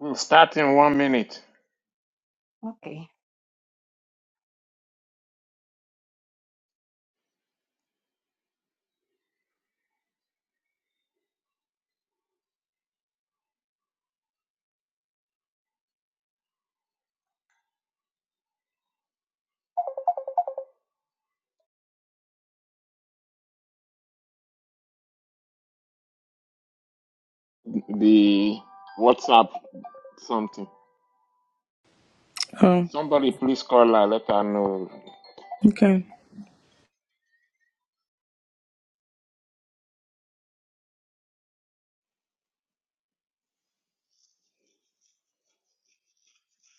We'll start in one minute. Okay. The WhatsApp something. Oh, Somebody please call her, let her know. okay.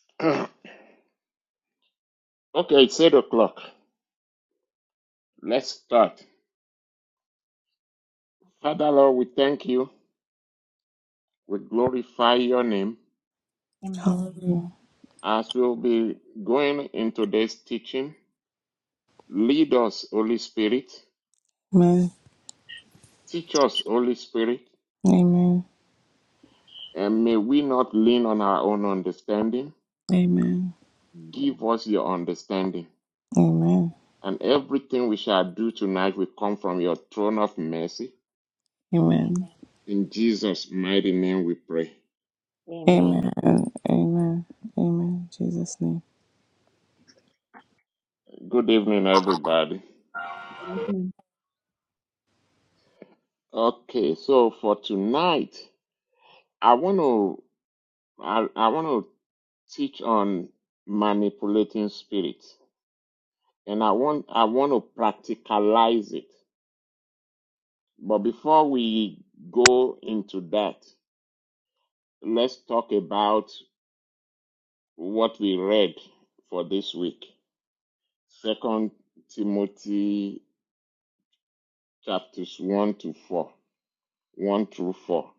okay, it's 8 o'clock. Let's start. Okay. Father Lord, we thank you. We glorify your name. Amen. Hallelujah. As we'll be going into this teaching, lead us, Holy Spirit. Amen. Teach us, Holy Spirit. Amen. And may we not lean on our own understanding. Amen. Give Amen. us your understanding. Amen. and everything we shall do tonight will come from your throne of mercy. Amen. Amen. In Jesus' mighty name we pray. Amen. Amen. Amen. Amen. Jesus name. Good evening, everybody. Amen. Okay, so for tonight, I want to I, I want to teach on manipulating spirits, and I want I want to practicalize it. But before we go into that, let's talk about what we read for this week. Second Timothy chapters 1 to 4. 1 through 4.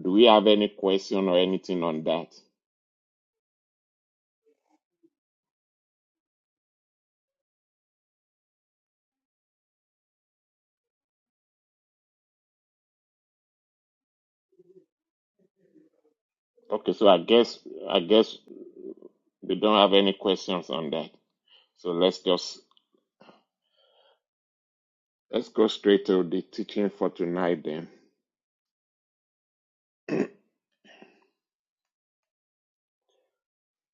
Do we have any question or anything on that? Okay, so I guess I guess we don't have any questions on that. So let's just let's go straight to the teaching for tonight then.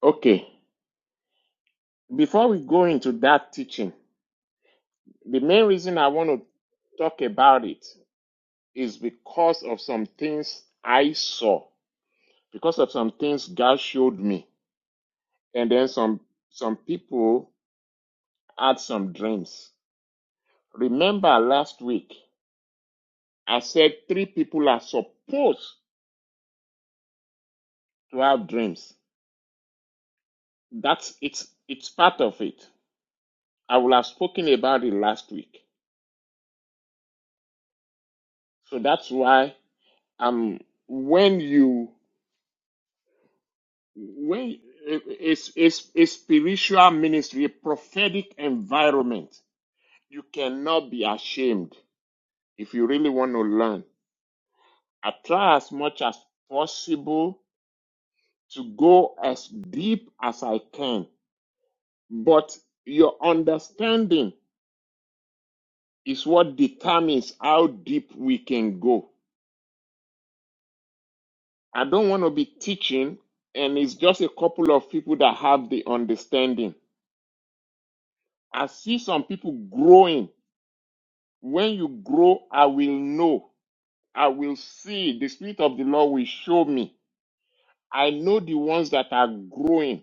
Okay, before we go into that teaching, the main reason I want to talk about it is because of some things I saw, because of some things God showed me, and then some some people had some dreams. Remember last week, I said three people are supposed to have dreams. That's it's it's part of it. I will have spoken about it last week. So that's why um when you when it's it's a spiritual ministry, a prophetic environment, you cannot be ashamed if you really want to learn. I try as much as possible to go as deep as I can But your understanding is what determines how deep we can go. I don't want to be teaching, and it's just a couple of people that have the understanding. I see some people growing. When you grow, I will know. I will see. The Spirit of the Lord will show me. I know the ones that are growing.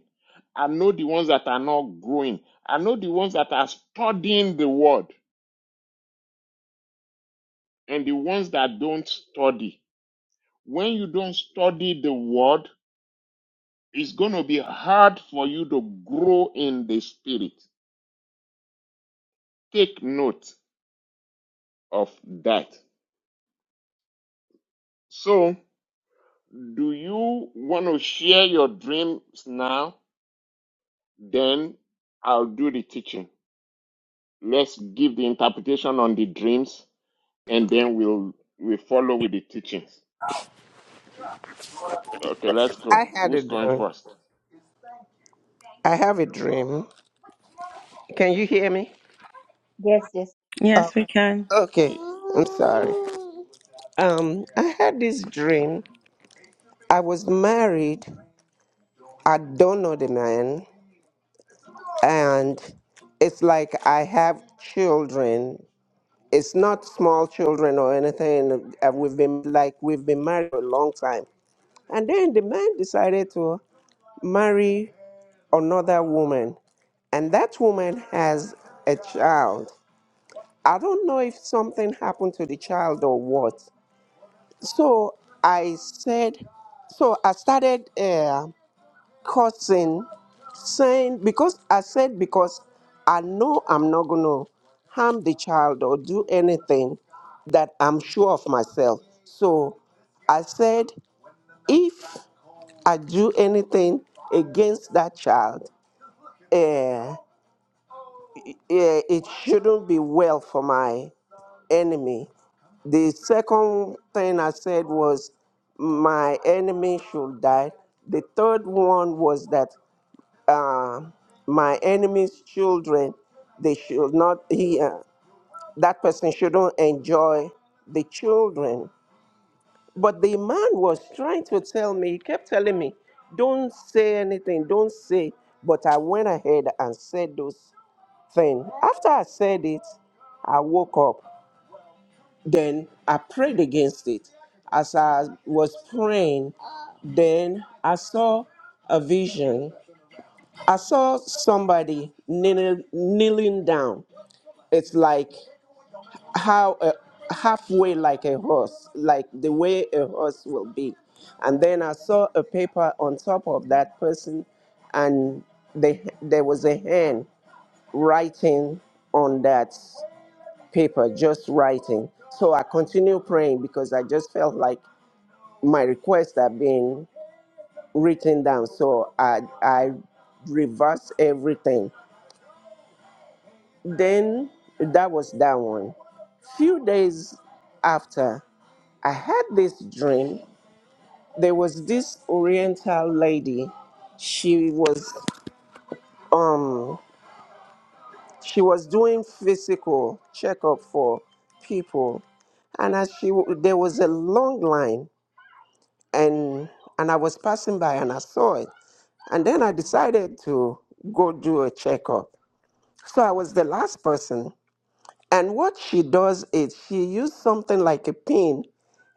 I know the ones that are not growing. I know the ones that are studying the word and the ones that don't study. When you don't study the word, it's going to be hard for you to grow in the spirit. Take note of that. So, do you want to share your dreams now? Then I'll do the teaching. Let's give the interpretation on the dreams and then we'll we follow with the teachings. Okay, let's go. I had a Who's going dream. first? I have a dream. Can you hear me? Yes. Yes. Oh, Yes, we can. okay. Eh, I'm sorry. Um, I had this dream. I was married. I don't know the man, and it's like I have children. It's not small children or anything. Uh, We've been like we've been married for a long time, and then the man decided to marry another woman, and that woman has a child I don't know if something happened to the child or what. So I said, so I started uh, cursing, saying, because I said, because I know I'm not going to harm the child or do anything that I'm sure of myself. So I said, if I do anything against that child, uh, eh, it shouldn't be well for my enemy. The second thing I said was, My enemy should die. The third one was that uh, my enemy's children, they should not, he, uh, that person shouldn't enjoy the children. But the man was trying to tell me, he kept telling me, Don't say anything, don't say. But I went ahead and said those things. After I said it, I woke up then I prayed against it. As I was praying, then I saw a vision. I saw somebody kneeling, kneeling down. It's like how a, halfway like a horse, like the way a horse will be. And then I saw a paper on top of that person, and they, there was a hand writing on that paper, just writing. So I continue praying because I just felt like my requests are being written down. So I I reversed everything. Then that was that one. Few days after, I had this dream. There was this Oriental lady. She was um she was doing physical checkup for people, and as she w- there was a long line and and I was passing by and I saw it. And then I decided to go do a checkup. So I was the last person. And what she does is she used something like a pin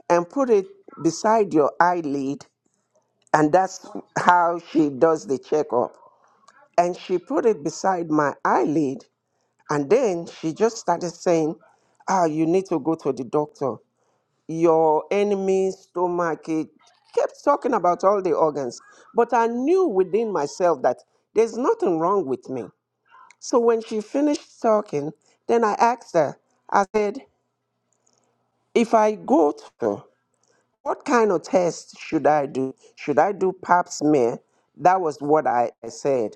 and put it beside your eyelid, and that's how she does the checkup. And she put it beside my eyelid, and then she just started saying, "Ah, you need to go to the doctor. your enemy's stomach. It kept talking about all the organs. But I knew within myself that there's nothing wrong with me. So when she finished talking, then I asked her, I said, if I go to, what kind of test should I do? Should I do pap smear? That was what I I said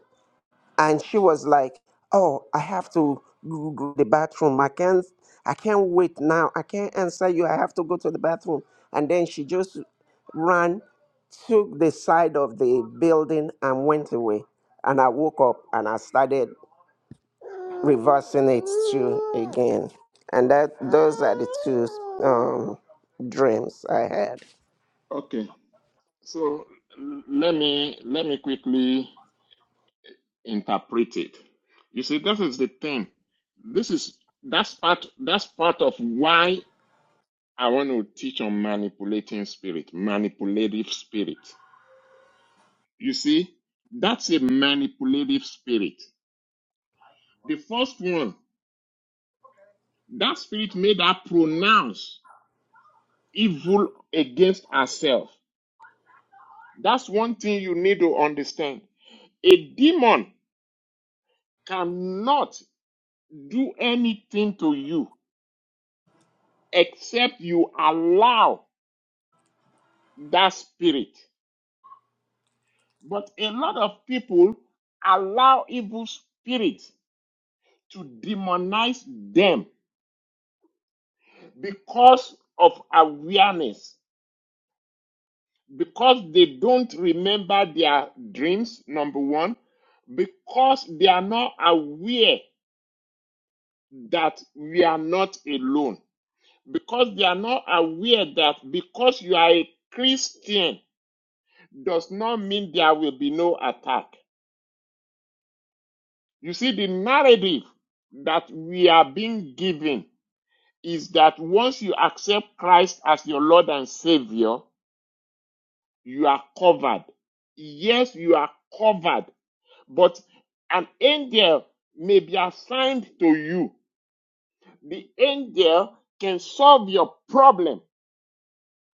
and she was like oh i have to go go to the bathroom i can't i can't wait now i can't answer you i have to go to the bathroom and then she just ran took the side of the building and went away and i woke up and i started reversing it too again and that those are the two um, dreams i had Okay. So l- let me let me quickly interpreted. You see, this is the thing. This is that's part that's part of why I want to teach on manipulating spirit, manipulative spirit. You see, that's a manipulative spirit. The first one, that spirit made her pronounce evil against herself. That's one thing you need to understand. A demon cannot do anything to you except you allow that spirit. But a lot of people allow evil spirits to demonize them because of awareness, because they don't remember their dreams, number one, because they are not aware that we are not alone, because they are not aware that because you are a Christian does not mean there will be no attack You see, the narrative that we are being given is that once you accept Christ as your Lord and Savior, you are covered. Yes, you are covered, but an angel may be assigned to you. The angel can solve your problem.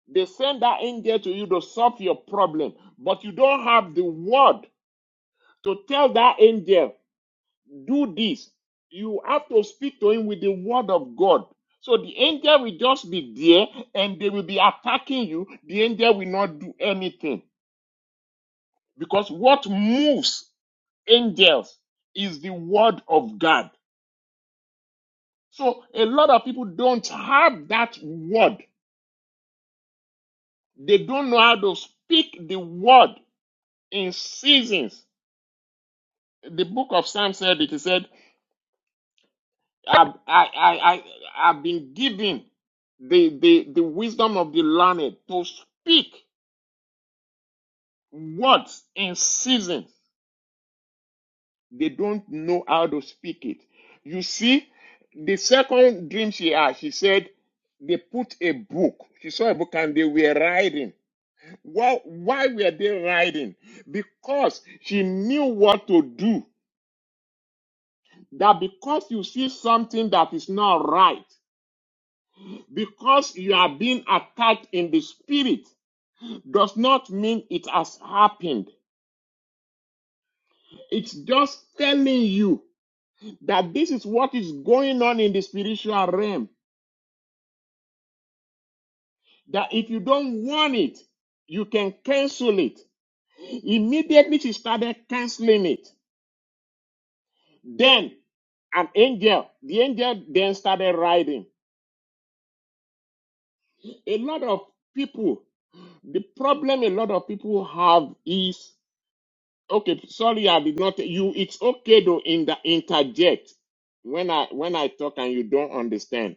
They send that angel to you to solve your problem, but you don't have the word to tell that angel do this. You have to speak to him with the word of God. So the angel will just be there and they will be attacking you. The angel will not do anything because what moves angels is the word of God. So a lot of people don't have that word. They don't know how to speak the word in seasons. The book of Psalms said it. It said. I've, I, I, I, I've been given the, the, the wisdom of the learned to speak words in season. They don't know how to speak it. You see, the second dream she had, she said, they put a book. She saw a book and they were riding. Well, why were they riding? Because she knew what to do. That because you see something that is not right, because you are being attacked in the spirit. does not mean it has happened. It's just telling you that this is what is going on in the spiritual realm. That if you don't want it, you can cancel it. Immediately she started canceling it. Then an angel, the angel then started writing. A lot of people, the problem a lot of people have is okay, sorry, I did not you it's okay though in the interject when I when I talk and you don't understand.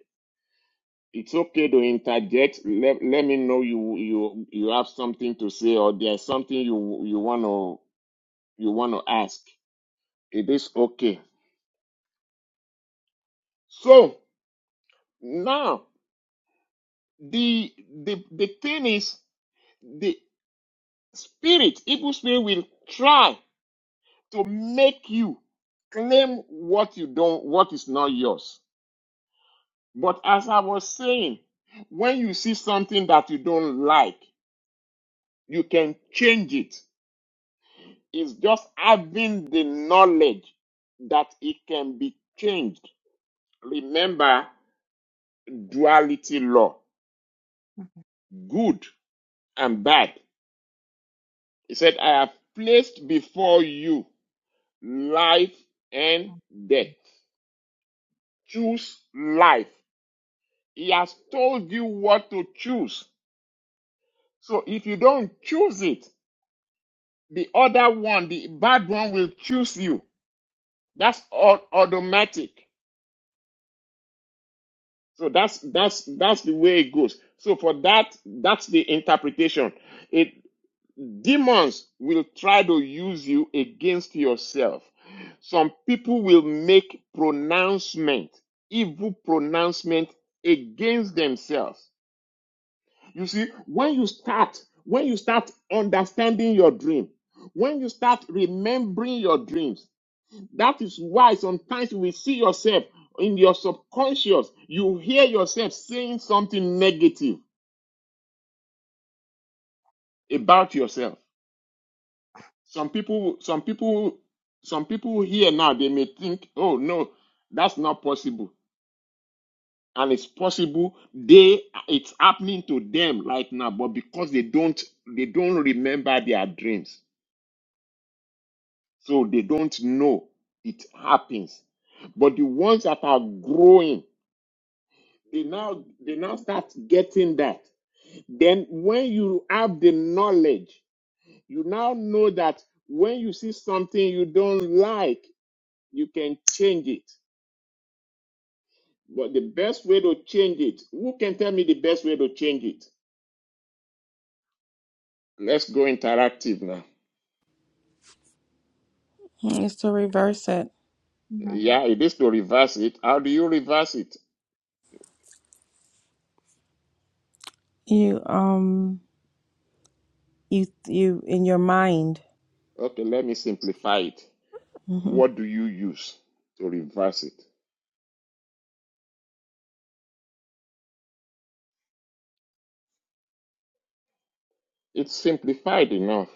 it's okay to interject. Let, let me know you you you have something to say or there's something you you want to you want to ask. It is okay. So now the the the thing is the spirit, evil spirit will try to make you claim what you don't what is not yours. But as I was saying, when you see something that you don't like, you can change it It's just having the knowledge that it can be changed. Remember duality law, Mm-hmm. good and bad. He said, I have placed before you life and death. Choose life. He has told you what to choose. So if you don't choose it, the other one, the bad one will choose you. That's all automatic. So that's that's that's the way it goes. So for that, that's the interpretation. It demons will try to use you against yourself. Some people will make pronouncement, evil pronouncement against themselves. You see, when you start, when you start understanding your dream, when you start remembering your dreams, that is why sometimes you will see yourself in your subconscious, you hear yourself saying something negative about yourself. Some people, some people, some people here now, they may think, oh no, that's not possible. And it's possible they it's happening to them right now, but because they don't they don't remember their dreams. So they don't know it happens. But the ones that are growing, they now they now start getting that. Then, when you have the knowledge, you now know that when you see something you don't like, you can change it. But the best way to change it, who can tell me the best way to change it? Let's go interactive now. It's to reverse it. Mm-hmm. Yeah, it is to reverse it. How do you reverse it? You um you you in your mind. Okay, let me simplify it. hmm What do you use to reverse it? It's simplified enough.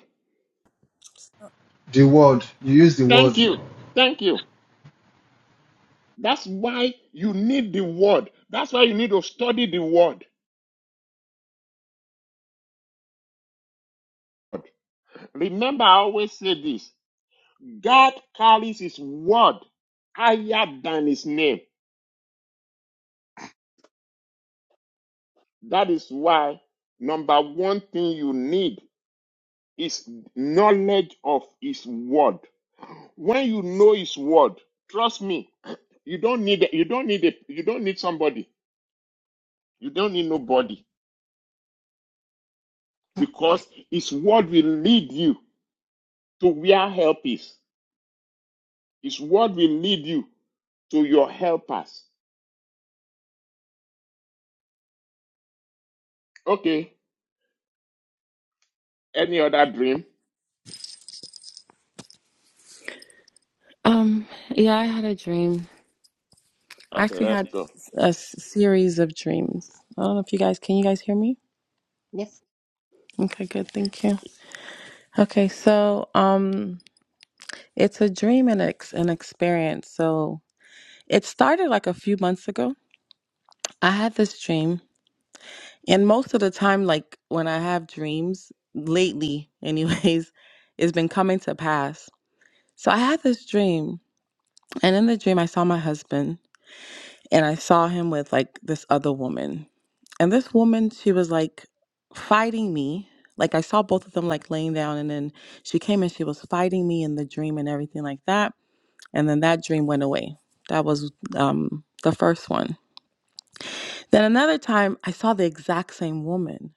The word. You use the Thank word. you. Thank you. That's why you need the word. That's why you need to study the word. Remember, I always say this God carries his word higher than his name. That is why, number one thing you need is knowledge of his word. When you know his word, trust me, you don't need you don't need a, you don't need somebody. You don't need nobody because his word will lead you to where help is. His word will lead you to your helpers. Okay. Any other dream? Um, yeah, I had a dream. I Okay, actually let's had go. A s- series of dreams. I don't know if you guys can you guys hear me? Yes. Okay, good. Thank you. Okay, so um it's a dream and ex- an experience. So It started like a few months ago. I had this dream, and most of the time, like when I have dreams, lately, anyways, it's been coming to pass. So I had this dream, and in the dream, I saw my husband, and I saw him with like this other woman. And this woman, she was like fighting me. Like I saw both of them like laying down, and then she came and she was fighting me in the dream and everything like that. And then that dream went away. That was um, the first one. Then another time, I saw the exact same woman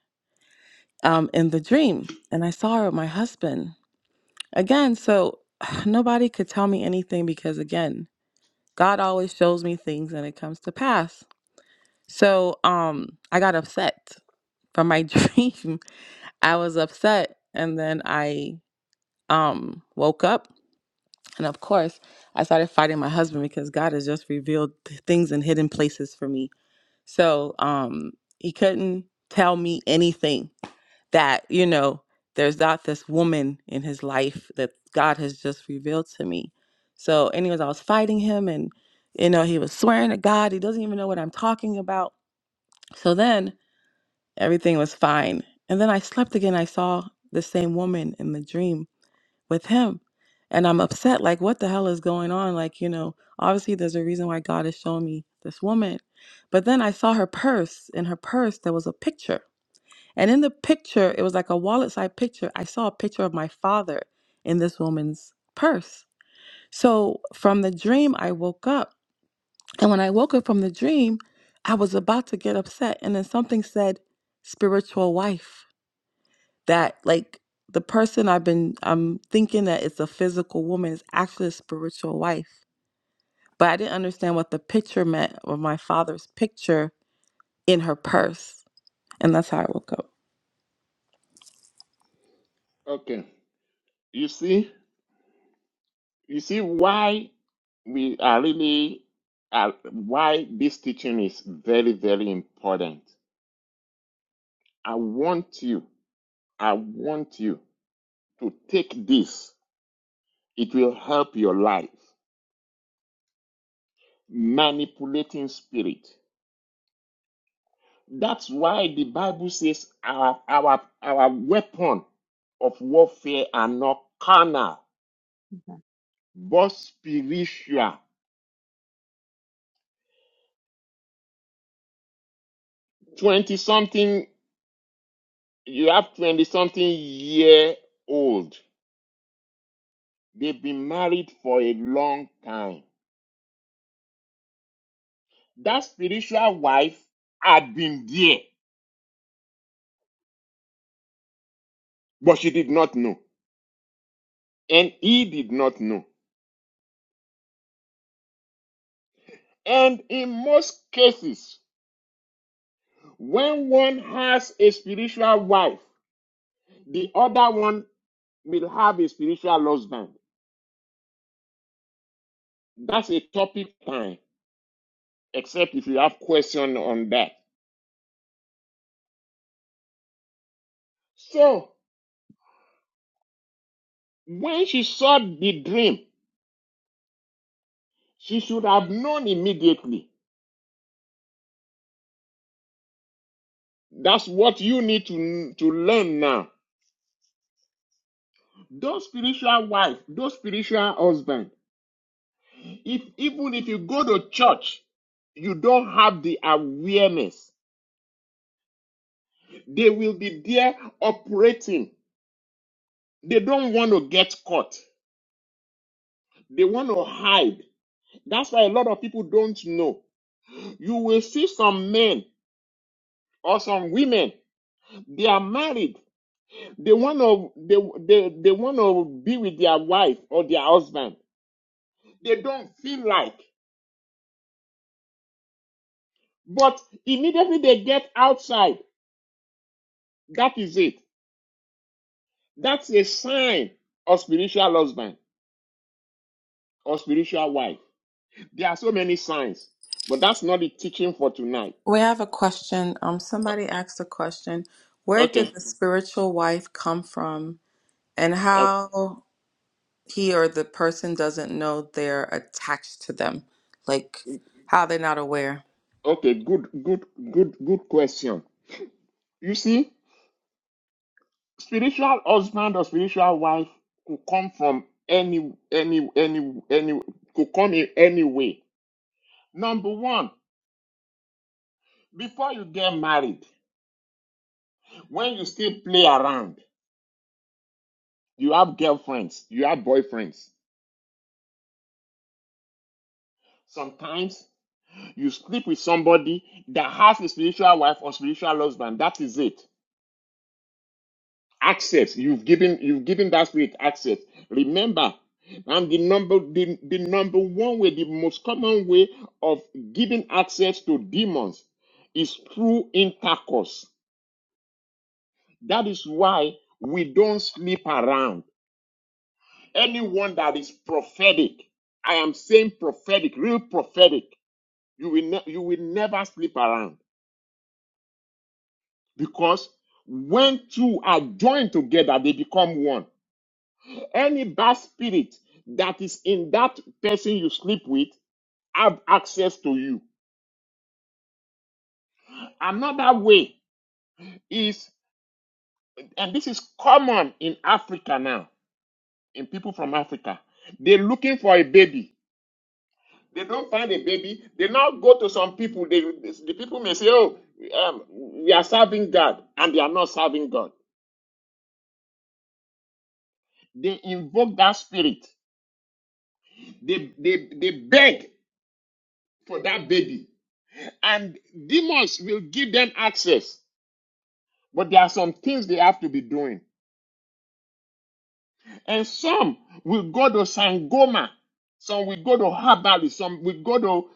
um, in the dream, and I saw her with my husband again. So nobody could tell me anything because, again, God always shows me things and it comes to pass. So um, I got upset from my dream. I was upset, and then I um, woke up, and of course, I started fighting my husband because God has just revealed th- things in hidden places for me So um, he couldn't tell me anything that, you know, there's not this woman in his life that God has just revealed to me. So, anyways, I was fighting him and, you know, he was swearing to God. He doesn't even know what I'm talking about. So then everything was fine. And then I slept again. I saw the same woman in the dream with him. And I'm upset, like, what the hell is going on? Like, you know, obviously there's a reason why God is showing me this woman. But then I saw her purse. In her purse, there was a picture. And in the picture, it was like a wallet side picture. I saw a picture of my father in this woman's purse. So from the dream, I woke up. And when I woke up from the dream, I was about to get upset. And then something said, spiritual wife that like the person I've been I'm thinking that it's a physical woman is actually a spiritual wife. But I didn't understand what the picture meant or my father's picture in her purse. And that's how I woke up. Okay. You see, you see why we are really are, why this teaching is very, very important. I want you, I want you to take this. It will help your life. Manipulating spirit. That's why the Bible says our our our weapon of warfare are not carnal, Mm-hmm. but spiritual. 20 something You have 20 something year old. They've been married for a long time. That spiritual wife had been there, but she did not know. And he did not know. And in most cases, when one has a spiritual wife, the other one will have a spiritual husband. That's a topic time, except if you have question on that. So when she saw the dream, she should have known immediately That's what you need to to learn now. Those spiritual wife, those spiritual husband. If even if you go to church, you don't have the awareness. They will be there operating. They don't want to get caught. They want to hide. That's why a lot of people don't know. You will see some men or some women. They are married. They want to they, they, they want to be with their wife or their husband. They don't feel like. But immediately they get outside, that is it. That's a sign of spiritual husband or spiritual wife. There are so many signs, but that's not the teaching for tonight. We have a question. Um, somebody asked a question. Where did Okay. the spiritual wife come from, and Uh, how he or the person doesn't know they're attached to them, like how they're not aware? okay. Good, good, good, good question. You see, spiritual husband or spiritual wife could come from any, any, any, any, could come in any way. Number one, before you get married, when you still play around, You have girlfriends, you have boyfriends. Sometimes you sleep with somebody that has a spiritual wife or spiritual husband. That is it. Access. You've given you've given that spirit access. Remember, and the number the, the number one way, the most common way of giving access to demons is through intercourse. That is why we don't sleep around. Anyone that is prophetic, I am saying prophetic, real prophetic. You will, ne- you will never sleep around because when two are joined together, they become one. Any bad spirit that is in that person you sleep with have access to you. Another way is, and this is common in Africa now, in people from Africa, they're looking for a baby. They don't find a baby. They now go to some people. They, the people may say, "Oh, um, we are serving God," and they are not serving God. They invoke that spirit They, they, they beg for that baby. And demons will give them access. But there are some things they have to be doing. And some will go to Sangoma. Some will go to Habali. Some will go to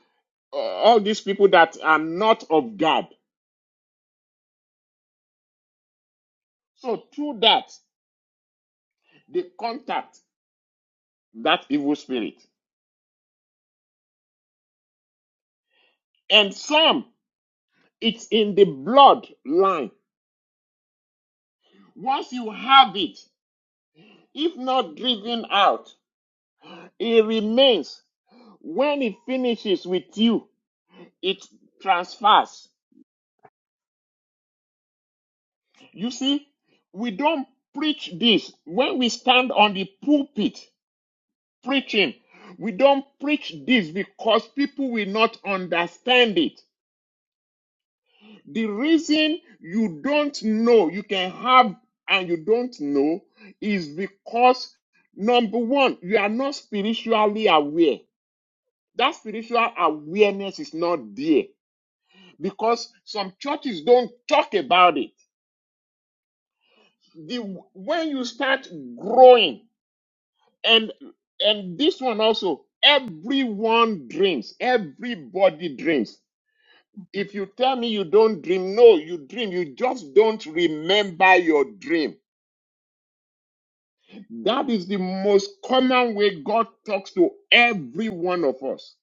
uh, all these people that are not of God. So through that, they contact that evil spirit. And some, it's in the bloodline. Once you have it, if not driven out, It remains. When it finishes with you, it transfers. You see, we don't preach this. When we stand on the pulpit preaching, we don't preach this because people will not understand it. The reason you don't know, you can have and you don't know, is because number one, you are not spiritually aware. That spiritual awareness is not there. because some churches don't talk about it. The, when you start growing, and and this one also, everyone dreams. Everybody dreams. Mm-hmm. If you tell me you don't dream, no, you dream. You just don't remember your dream. That is the most common way God talks to every one of us.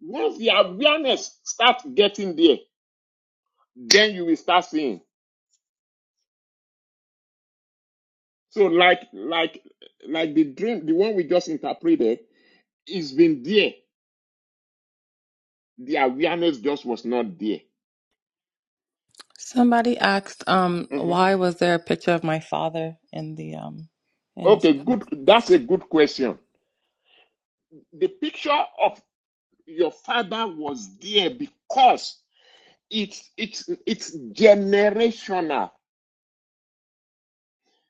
Once the awareness starts getting there, then you will start seeing. So like like like the dream, the one we just interpreted, it's been there. The awareness just was not there. Somebody asked, um, hmm why was there a picture of my father in the um in this Okay, good. post? That's a good question. The picture of your father was there because it's it's it's generational.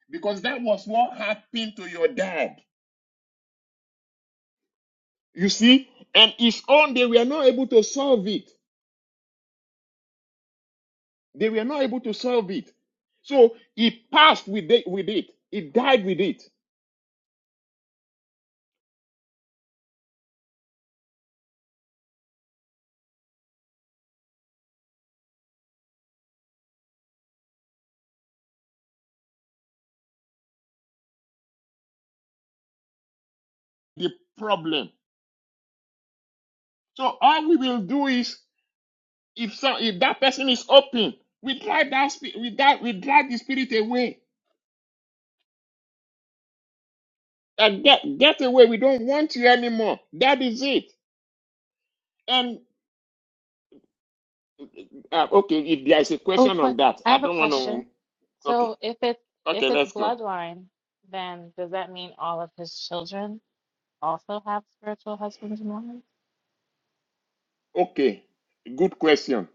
Because that was what happened to your dad. You see, and his own they were not able to solve it. They were not able to solve it. So he passed with it, with it. He died with it. the problem. So all we will do is, if so, if that person is open, we drive that spi- we drive, we drive the spirit away and get get away. We don't want you anymore. That is it. And uh, okay, if there is a Oh, question que- on that, I I have a don't want question. to. Okay, So if it's if okay, it's let's go. bloodline, then does that mean all of his children also have spiritual husbands and wives? Okay, good question.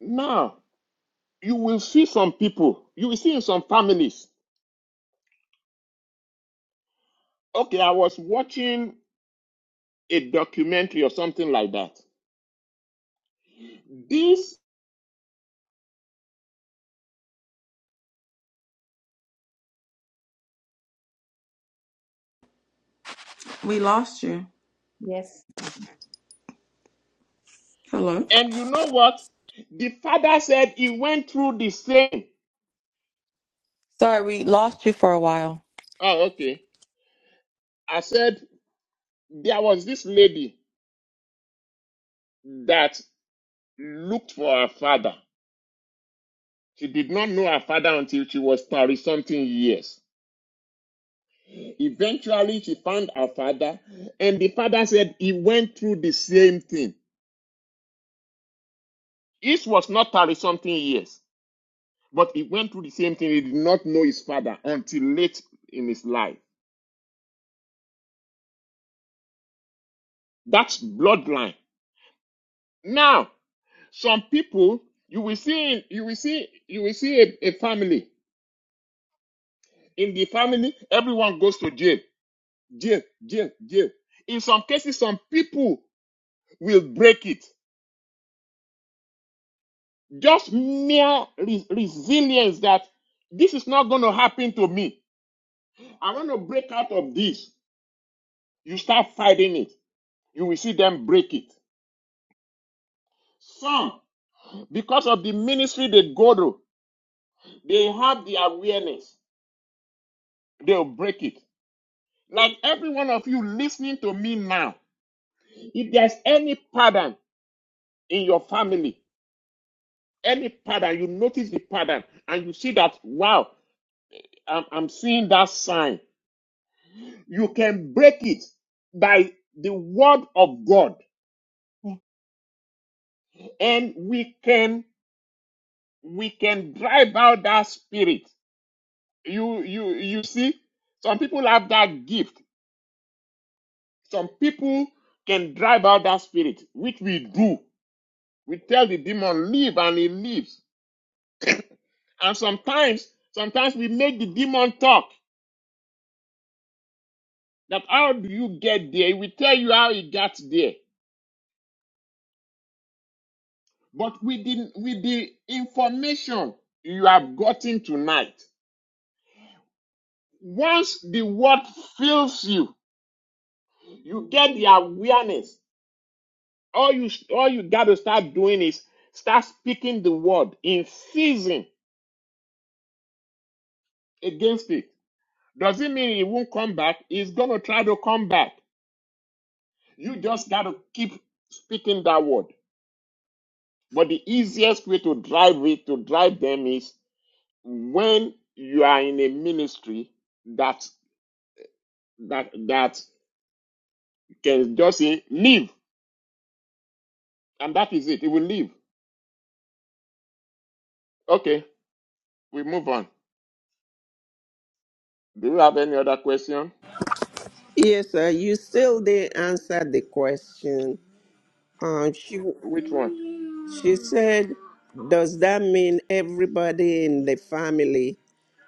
Now you will see some people. You will see in some families. Okay, I was watching a documentary or something like that. We lost you. Yes. Mm-hmm. Hello. And you know what? The father said he went through the same. Sorry, we lost you for a while. Oh, okay. I said there was this lady that looked for her father. She did not know her father until she was 30 something years. Eventually, she found her father, and the father said he went through the same thing. This was not 30 something years, but he went through the same thing. He did not know his father until late in his life. That's bloodline. Now, Some people you will see you will see you will see a, a family. In the family, everyone goes to jail, jail, jail, jail. In some cases, some people will break it. Just mere re- resilience that this is not going to happen to me. I want to break out of this. You start fighting it. You will see them break it. Some, because of the ministry they go to, they have the awareness. They'll break it. Like every one of you listening to me now, If there's any pattern in your family, any pattern, you notice the pattern and you see that, wow, I'm, I'm seeing that sign. You can break it by the word of God Yeah. and we can, we can drive out that spirit. You, you, you see, some people have that gift. Some people can drive out that spirit, which we do. We tell the demon, leave and he leaves. And sometimes, sometimes we make the demon talk that how do you get there? We tell you how you got there. But with the, with the information you have gotten tonight, once the word fills you, you get the awareness. All you all you got to start doing is start speaking the word in season against it. Does it mean it won't come back? It's gonna try to come back. You just got to keep speaking that word. But the easiest way to drive it, to drive them is when you are in a ministry that that that can just say leave and that is it it will leave okay we move on do you have any other question yes sir you still didn't answer the question um, she which one She said, Does that mean everybody in the family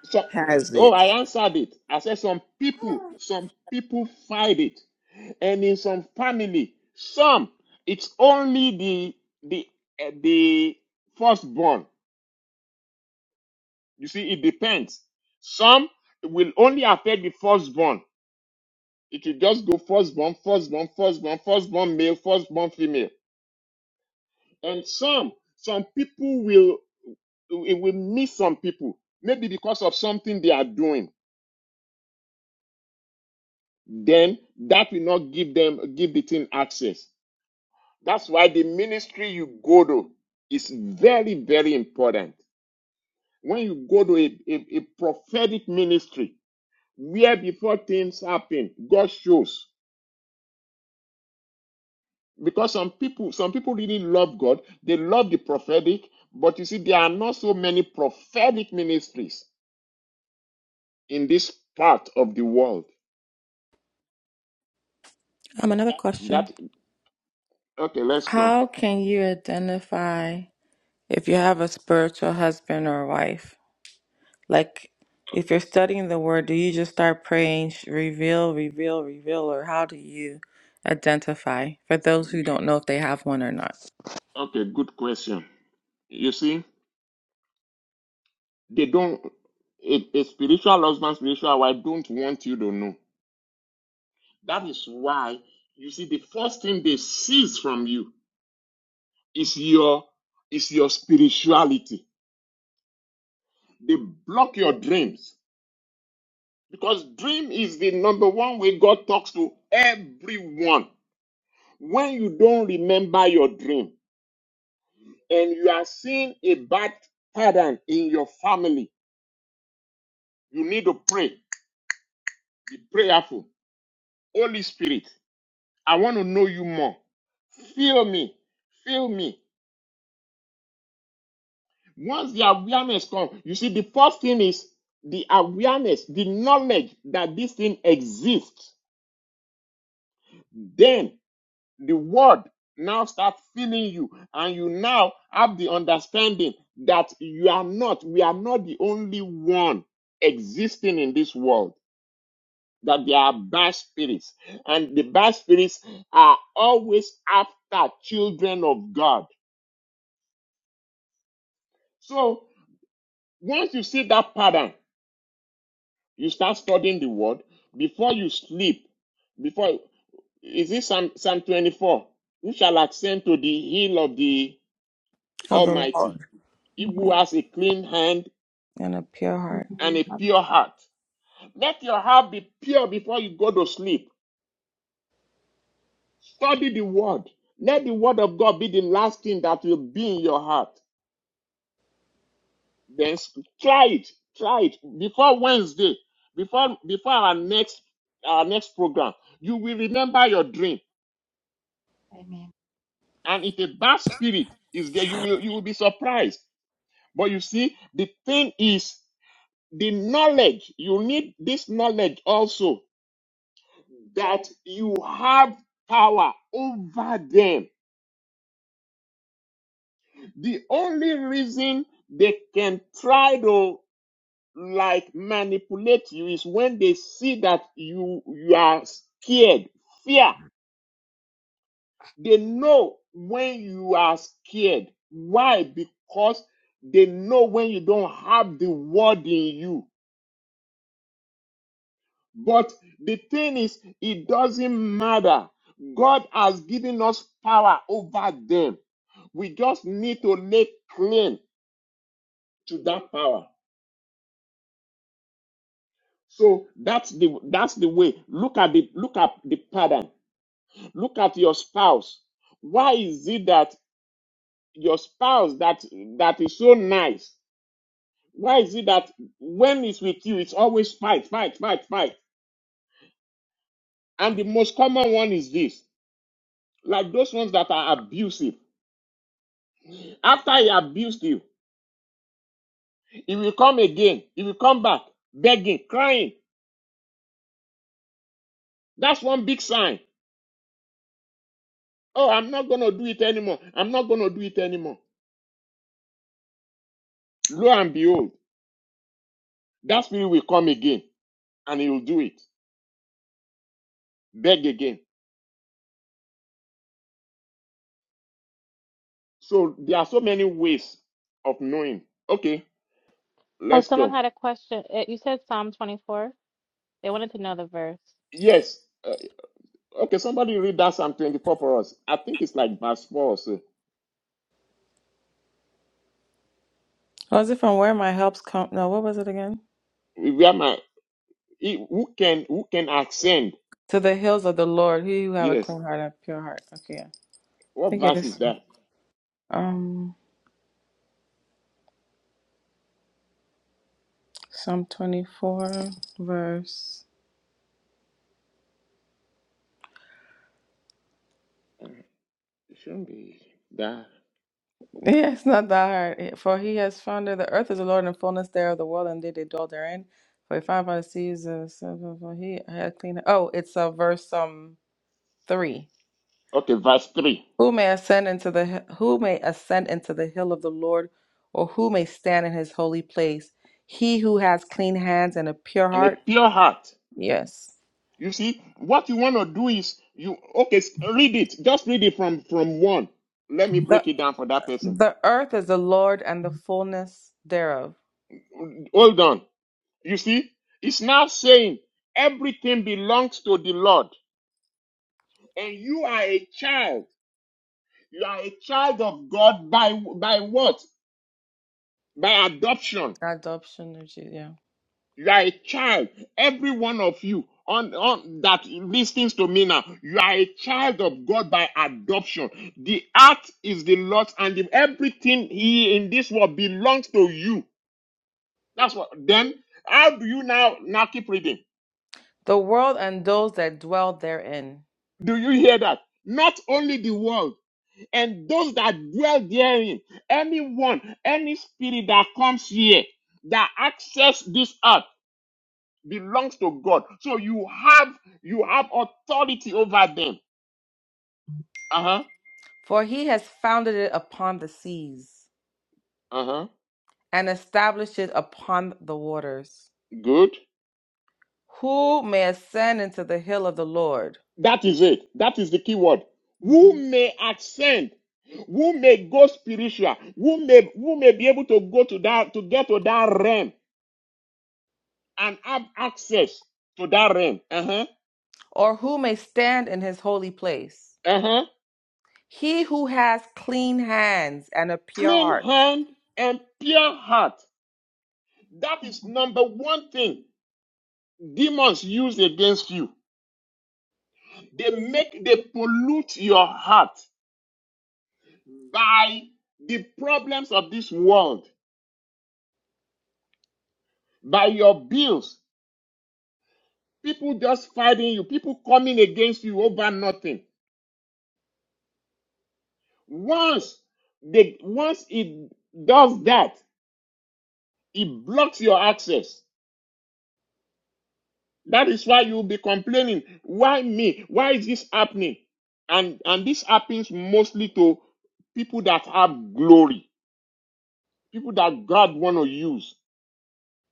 so has oh it? i answered it i said some people some people fight it and in some family some it's only the the eh, the firstborn you see it depends some will only affect the firstborn It will just go firstborn, firstborn, firstborn, firstborn male, firstborn female. And some, some people will, it will miss some people, maybe because of something they are doing. Then that will not give them, give the thing access. That's why the ministry you go to is very, very important. When you go to a, a, a prophetic ministry, where before things happen, God shows. because some people some people really love god they love the prophetic but you see there are not so many prophetic ministries in this part of the world Um, another question. that okay let's go How can you identify if you have a spiritual husband or wife? Like if you're studying the word, do you just start praying, sh- reveal, reveal, reveal, or how do you identify for those who don't know if they have one or not? okay good question you see they don't a, a spiritual husband spiritual wife don't want you to know that is why you see the first thing they seize from you is your is your spirituality they block your dreams Because dream is the number one way God talks to everyone. When you don't remember your dream and you are seeing a bad pattern in your family, you need to pray. Be prayerful. Holy Spirit, I want to know you more. Feel me. Feel me. Once the awareness comes, you see, the first thing is the awareness, the knowledge that this thing exists. Then. the word now start filling you and you now have the understanding that you are not we are not the only one existing in this world that there are bad spirits and the bad spirits are always after children of god so once you see that pattern you start studying the word before you sleep before is this psalm, psalm 24 who shall ascend to the hill of the Of the almighty Lord. He Mm-hmm. who Yeah. has a clean hand And a pure heart. and a Mm-hmm. pure heart. Let your heart be pure before you go to sleep. Study the word. Let the word of God be the last thing that will be in your heart. Then try it. Try it before Wednesday, before before our next our next program. You will remember your dream. Amen. And if a bad spirit is there, you will you will be surprised. But you see, the thing is the knowledge. You need this knowledge also that you have power over them. The only reason they can try to like manipulate you is when they see that you you are scared, fear. They know when you are scared. Why? Because they know when you don't have the word in you. But the thing is, it doesn't matter. God has given us power over them. We just need to lay claim to that power. So that's the that's the way. Look at the look at the pattern. Look at your spouse. Why is it that your spouse that that is so nice? Why is it that when it's with you, it's always fight, fight, fight, fight? And the most common one is this, like those ones that are abusive. After he abused you, he will come again. He will come back begging, crying. That's one big sign. Oh, I'm not going to do it anymore. I'm not going to do it anymore. Lo and behold, that spirit will come again and he will do it. Beg again. So there are so many ways of knowing. Okay, Oh, let's someone go. had a question. It, you said Psalm 24. They wanted to know the verse. Yes. Uh, okay, somebody read that Psalm 24 for us. I think it's like verse 4 or so. Oh, is it from where my helps come? No, what was it again? Where my. Who can, who can ascend? To the hills of the Lord, he who have a Yes. clean heart and a pure heart. Okay, yeah. I What think it verse is is. that? Um, Psalm 24, verse. Uh, it shouldn't be that. Yeah, it's not that hard. For he has founded the earth is the Lord and fullness thereof, the world and they that dwell therein. For he found by the seas, of- of- of- he had clean. Oh, it's uh, verse um three. Okay, verse 3. Who may ascend into the hi- who may ascend into the hill of the Lord, or who may stand in his holy place? He who has clean hands and a pure And a heart. pure heart. Yes. You see, what you want to do is you okay, s- read it. Just read it from from one. Let me The break it down for that person. the earth is the Lord and the fullness thereof. Hold on. You see, it's now saying everything belongs to the Lord, and you are a child. You are a child of God by by what? By adoption. Adoption of Jesus. Yeah. You are a child. Every one of you on, on that listens to me now, you are a child of God by adoption. The earth is the Lord's, and if everything He in this world belongs to you. That's what. Then how do you now now keep reading? The world and those that dwell therein. Do you hear that? Not only the world and those that dwell therein. Anyone, any spirit that comes here that access this earth. belongs to God. So you have you have authority over them. Uh-huh. For he has founded it upon the seas Uh-huh. and established it upon the waters. Good. Who may ascend into the hill of the Lord, That is it. That is the key word. Mm-hmm. Who may ascend? Who may go spiritual? Who may who may be able to go to that to get to that realm and have access to that realm? Uh-huh. or who may stand in his holy place? Uh-huh. He who has clean hands and a pure Clean heart. hand and pure heart. That is number one thing demons use against you. They make they pollute your heart by the problems of this world, by your bills, people just fighting you, people coming against you over nothing. Once they once it does that, it blocks your access. That is why you'll be complaining, why me? Why is this happening? And and this happens mostly to people that have glory, people that God want to use.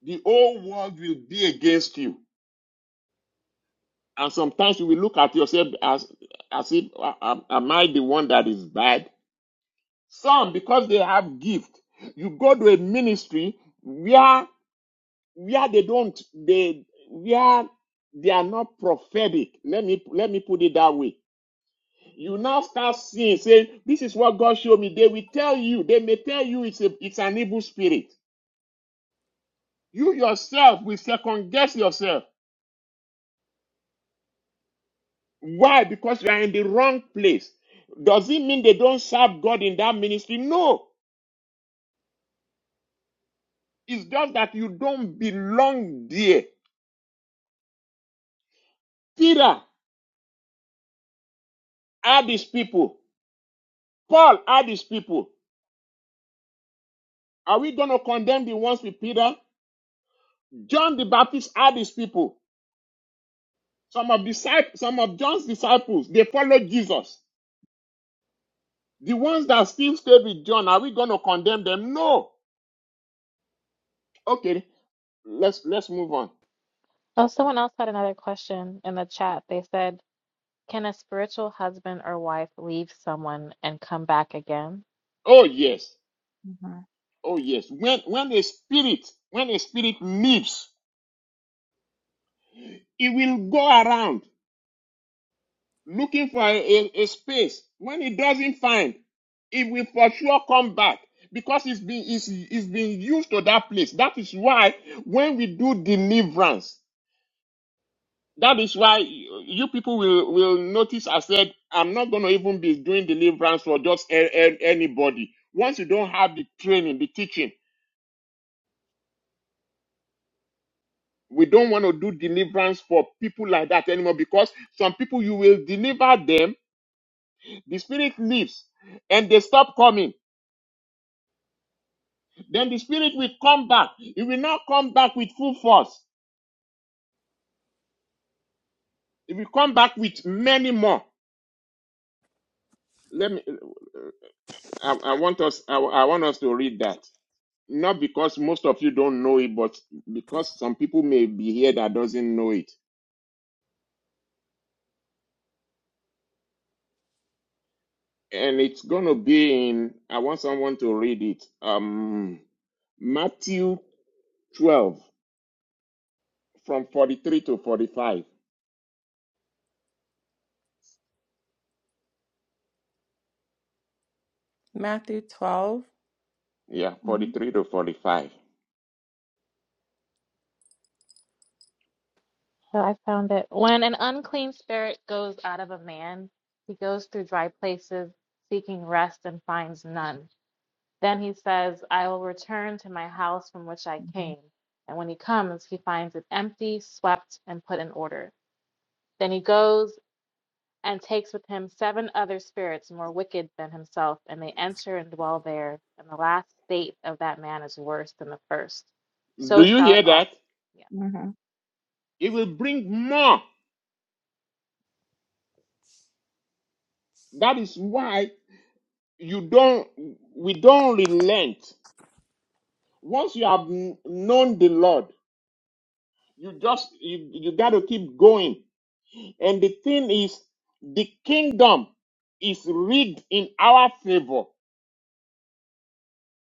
The whole world will be against you And sometimes you will look at yourself as as if "Ah, am am I the one that is bad? Some because they have gift. You go to a ministry where where they don't they where they are not prophetic. Let me let me put it that way. You now start seeing saying this is what God showed me. They will tell you. They may tell you it's a it's an evil spirit. You yourself will second guess yourself. Why? Because you are in the wrong place. Does it mean they don't serve God in that ministry? No. It's just that you don't belong there. Peter are these people. Paul are these people. Are we going to condemn the ones with Peter? John the Baptist are these people. Some of disciples, some of John's disciples, they followed Jesus. The ones that still stay with John, are we going to condemn them? No. Okay, let's let's move on. Oh, someone else had another question in the chat. They said, "Can a spiritual husband or wife leave someone and come back again?" Oh yes. Mm-hmm. Oh yes, when when a spirit when a spirit leaves, it will go around looking for a, a, a space. When it doesn't find, it will for sure come back because it's been it's, it's been used to that place. That is why when we do deliverance, that is why you people will will notice. I said I'm not going to even be doing deliverance for just a, a- anybody. Once you don't have the training, the teaching We don't want to do deliverance for people like that anymore because some people you will deliver them, the spirit leaves and they stop coming. Then the spirit will come back. It will not come back with full force. It will come back with many more. Let me. I, I want us. I, I want us to read that. Not because most of you don't know it, but because some people may be here that doesn't know it. And it's gonna be in. I want someone to read it. Um, Matthew 12. from 43 to 45. Matthew 12, Yeah, Mm-hmm. 43 to 45. So I found it. When an unclean spirit goes out of a man, he goes through dry places seeking rest and finds none. Then he says, I will return to my house from which I came. And when he comes, he finds it empty, swept, and put in order. Then he goes and takes with him seven other spirits more wicked than himself, and they enter and dwell there. And the last state of that man is worse than the first. Do So you shall hear it also. that? be. Mm-hmm. It will bring more. That is why you don't, we don't relent. Once you have kn- known the Lord, you just, you, you got to keep going. And the thing is, the kingdom is read in our favor.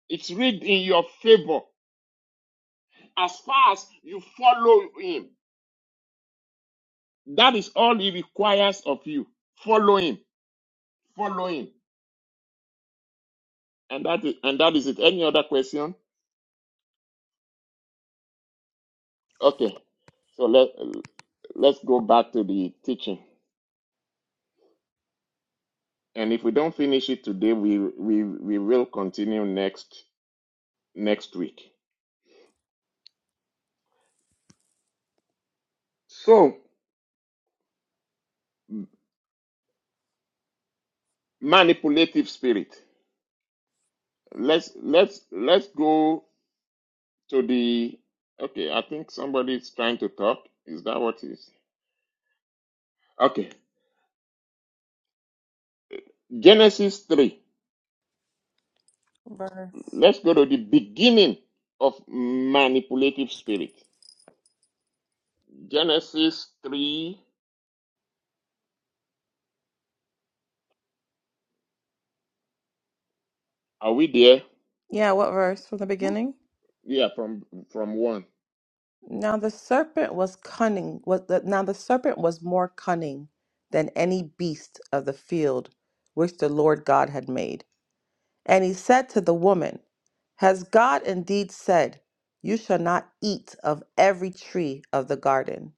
It's read in your favor as far as you follow him. That is all he requires of you. Follow him. Follow him. And that is, and that is it. Any other question? Okay. So let let's go back to the teaching. And if we don't finish it today, we we we will continue next next week. So manipulative spirit. Let's let's let's go to the okay, I think somebody is trying to talk. Is that what it is? Okay. Genesis 3. verse. Let's go to the beginning of manipulative spirit. Genesis 3 Are we there? Yeah, what verse from the beginning? Yeah, from from one. Now the serpent was cunning. Was the, now the serpent was more cunning than any beast of the field which the Lord God had made. And he said to the woman, Has God indeed said, You shall not eat of every tree of the garden?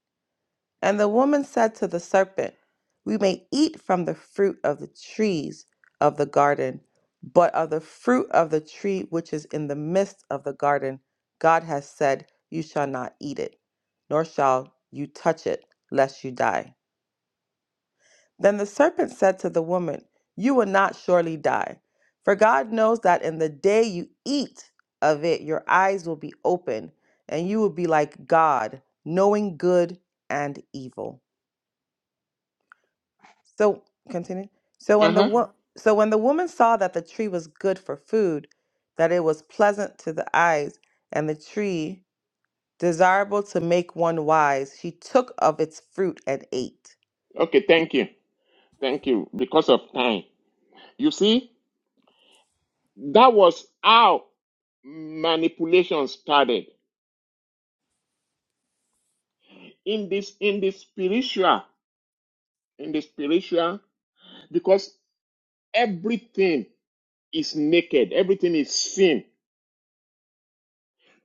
And the woman said to the serpent, We may eat from the fruit of the trees of the garden, but of the fruit of the tree which is in the midst of the garden, God has said, You shall not eat it, nor shall you touch it, lest you die. Then the serpent said to the woman, You will not surely die, for God knows that in the day you eat of it, your eyes will be open, and you will be like God, knowing good and evil. So continue. So Uh when the huh. wo- so when the woman saw that the tree was good for food, that it was pleasant to the eyes, and the tree desirable to make one wise, she took of its fruit and ate. Okay, thank you, thank you. Because of time, you see, that was how manipulation started in this in the spiritual in the spiritual because everything is naked, everything is seen.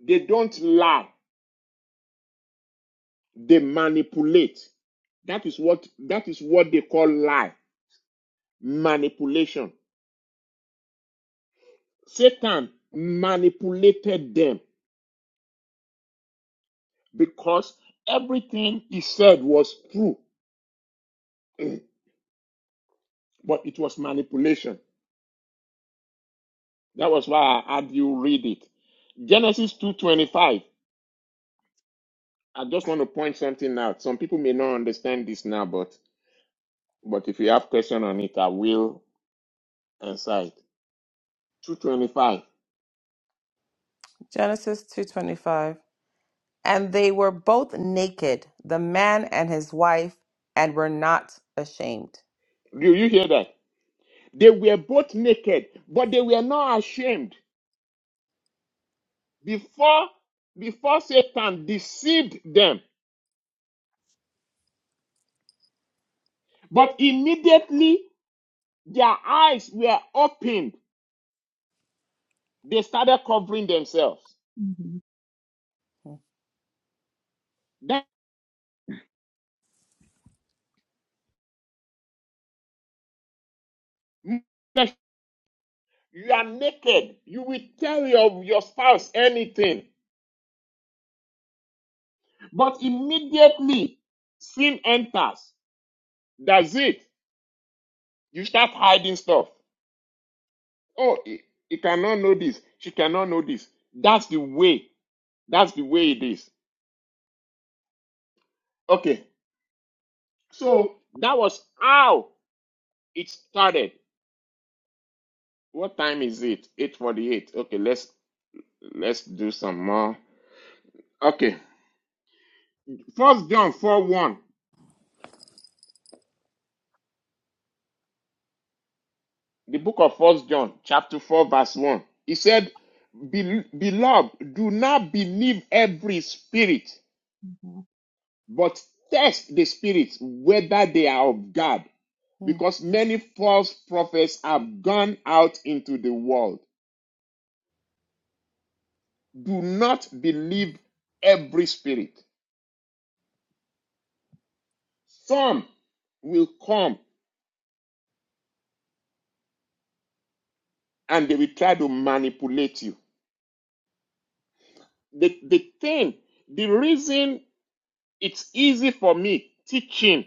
They don't lie, they manipulate. That is what that is what they call lie, manipulation. Satan manipulated them because everything he said was true, but it was manipulation. That was why I had you read it. Genesis 2:25. I just want to point something out. Some people may not understand this now, but but if you have question on it, I will answer it. 2:25. Genesis 2:25. And they were both naked, the man and his wife, and were not ashamed. Do you hear that? They were both naked, but they were not ashamed. Before before Satan deceived them, but immediately their eyes were opened They started covering themselves. Mm-hmm. Mm-hmm. That you are naked. You will tell your, your spouse anything. But immediately sin enters. That's it. You start hiding stuff. Oh, he, he cannot know this. She cannot know this. That's the way. That's the way it is. Okay. So that was how it started. What time is it? 8:48. Okay, let's let's do some more. Okay. First John 4:1. the book of first john chapter 4 verse 1 he said "Bel- beloved do not believe every spirit Mm-hmm. but test the spirits whether they are of god Hmm. because many false prophets have gone out into the world do not believe every spirit some will come and they will try to manipulate you the, the thing the reason it's easy for me teaching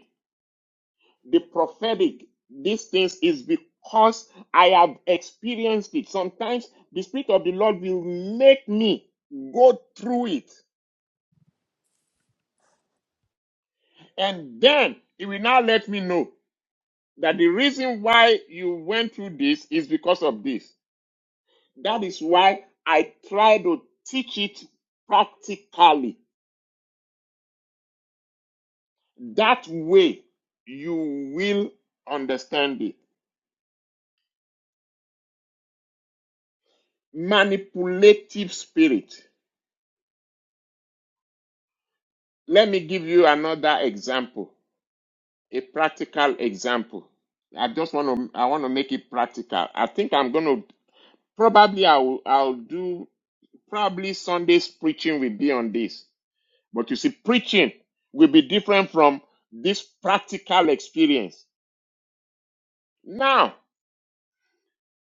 the prophetic, these things is because I have experienced it. Sometimes the Spirit of the Lord will make me go through it. And then it will now let me know that the reason why you went through this is because of this. That is why I try to teach it practically. That way you will understand it. Manipulative spirit. Let me give you another example. a practical example. I just want to I want to make it practical. I think I'm going to probably I'll I'll do probably Sunday's preaching will be on this. But you see preaching will be different from this practical experience. Now,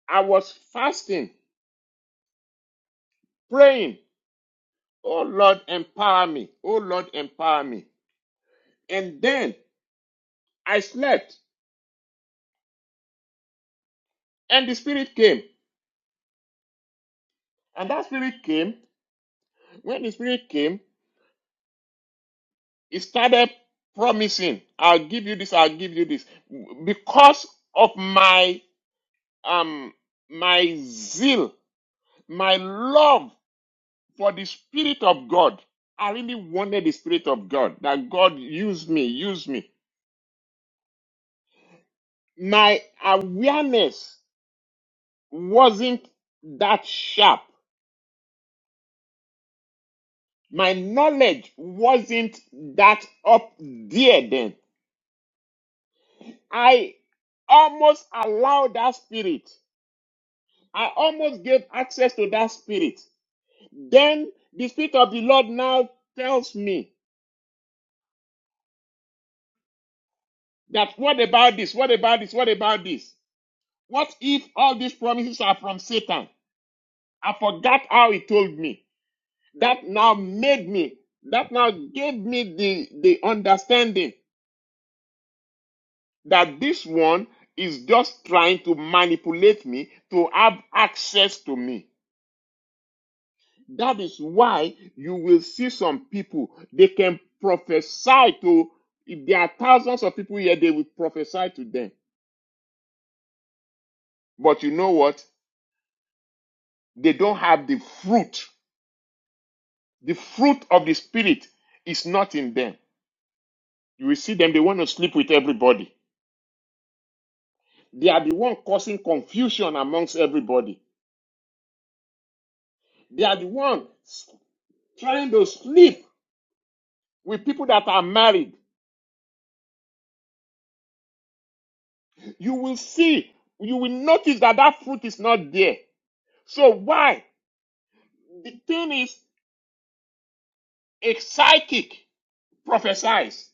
I was fasting, praying, "Oh Lord, empower me. Oh Lord, empower me." And then I slept and the spirit came. And that spirit came. When the spirit came, He started promising, I'll give you this, I'll give you this. Because of my um my zeal, my love for the Spirit of God. I really wanted the Spirit of God. That God use me, use me. My awareness wasn't that sharp. My knowledge wasn't that up there then. I almost allowed that spirit. I almost gave access to that spirit. Then the spirit of the Lord now tells me that what about this? What about this? What about this? What if all these promises are from Satan? I forgot how he told me. That now made me, that now gave me the, the understanding that this one is just trying to manipulate me to have access to me. That is why you will see some people, they can prophesy to, if there are thousands of people here, they will prophesy to them. But you know what? They don't have the fruit. The fruit of the Spirit is not in them. You will see them, they want to sleep with everybody. They are the one causing confusion amongst everybody. They are the one trying to sleep with people that are married. You will see, you will notice that that fruit is not there. So why? The thing is, a psychic prophesies.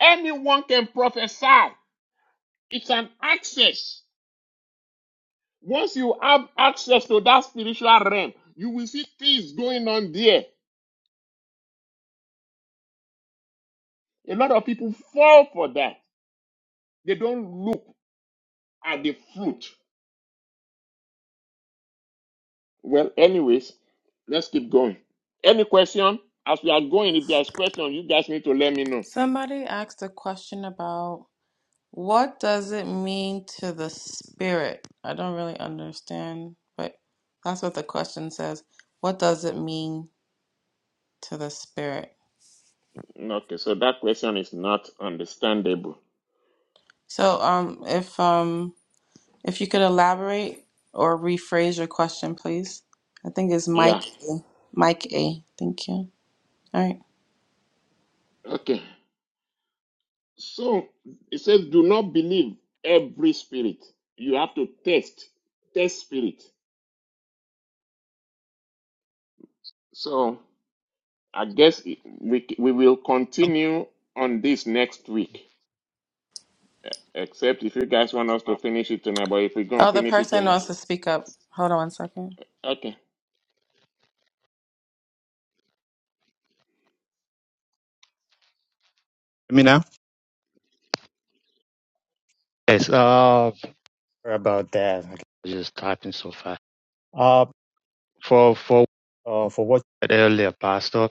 Anyone can prophesy. It's an access. Once you have access to that spiritual realm, you will see things going on there. A lot of people fall for that. They don't look at the fruit. Well, anyways, let's keep going. Any question? As we are going, if there's question, you guys need to let me know. Somebody asked a question about What does it mean to the spirit? I don't really understand, but that's what the question says. What does it mean to the spirit? Okay, so that question is not understandable. So, um, if um, if you could elaborate or rephrase your question, please. I think it's Yeah. Mike A. Mike A. Thank you. All right. Okay. So it says, do not believe every spirit. You have to test, test spirit. So I guess it- we we will Hear continue on this next week. Except if you guys want us to finish it tonight, but if we're gonna Oh, the finish it person tonight, wants to speak up. Hold on one second. okay. me now? Yes, uh, sorry about that. I was just typing so fast. Uh, for for uh for what you said earlier, Pastor,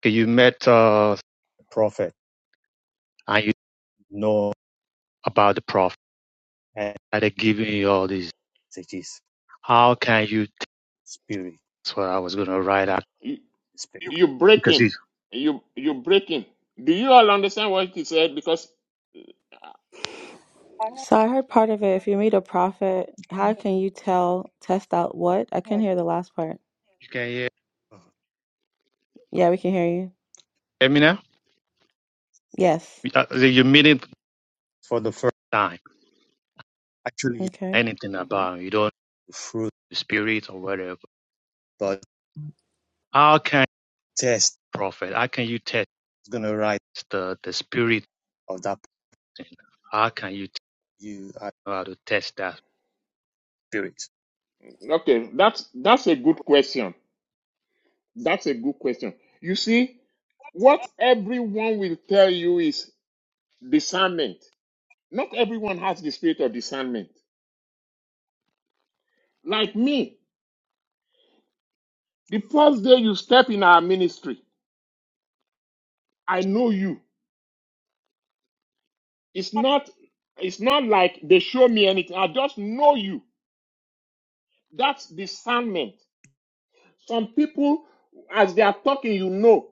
okay, you met uh prophet and you know about the prophet and they're giving you all these messages. How can you spirit? That's what I was gonna write out. You Spirit. you Because breaking, you you you breaking. Do you all understand what he said? Because I don't So I heard part of it. If you meet a prophet, how can you tell, test out what? I hear. couldn't hear the last part. you can hear. Yeah, we can hear you. Hear me now? Yes. You- uh, You're meeting for the first time. actually Okay. anything hmm about. You don't know the fruit, of the spirit, or whatever. But how can you test prophet? How can you test? It's gonna write the the spirit of that. How can you t- you I know how to test that spirit? Okay, that's that's a good question. That's a good question. You see, what everyone will tell you is discernment. Not everyone has the spirit of discernment. Like me, the first day you step in our ministry, I know you. It's not it's not like they show me anything. I just know you. That's discernment. Some people, as they are talking, you know.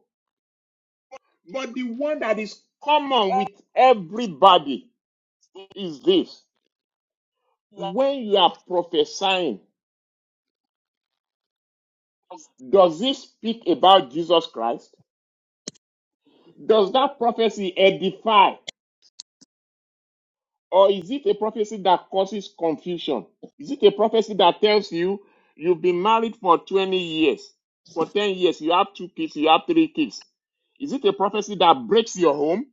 But the one that is common with everybody is this. when you are prophesying, does it speak about Jesus Christ? Does that prophecy edify? Or is it a prophecy that causes confusion? Is it a prophecy that tells you you've been married for 20 years, for 10 years, you have two kids, you have three kids? Is it a prophecy that breaks your home?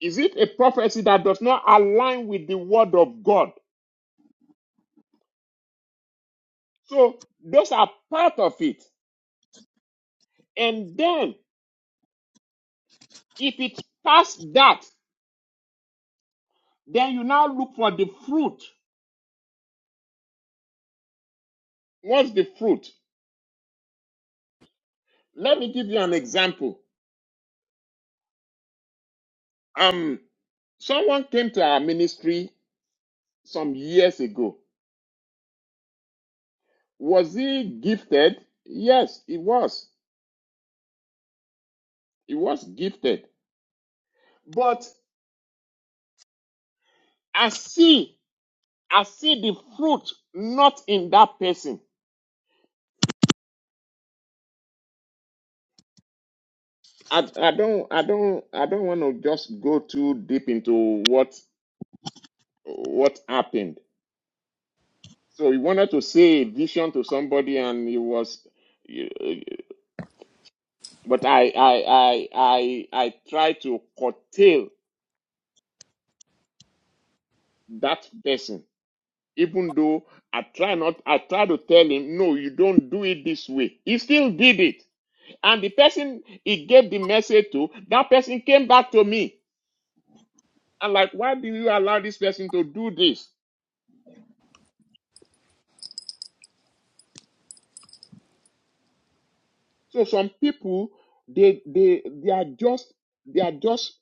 Is it a prophecy that does not align with the word of God? So those are part of it. And then if it's past that Then you now look for the fruit. What's the fruit? Let me give you an example. Um, someone came to our ministry some years ago. Was he gifted? Yes, he was. He was gifted. But I see, I see the fruit not in that person. I, I don't, I don't, I don't want to just go too deep into what what happened. So he wanted to say a vision to somebody, and he was But I, I, I, I, I try to curtail that person, even though I try not, I try to tell him, no, you don't do it this way. He still did it. And the person he gave the message to, that person came back to me. And like, why do you allow this person to do this? So some people, they, they, they are just, they are just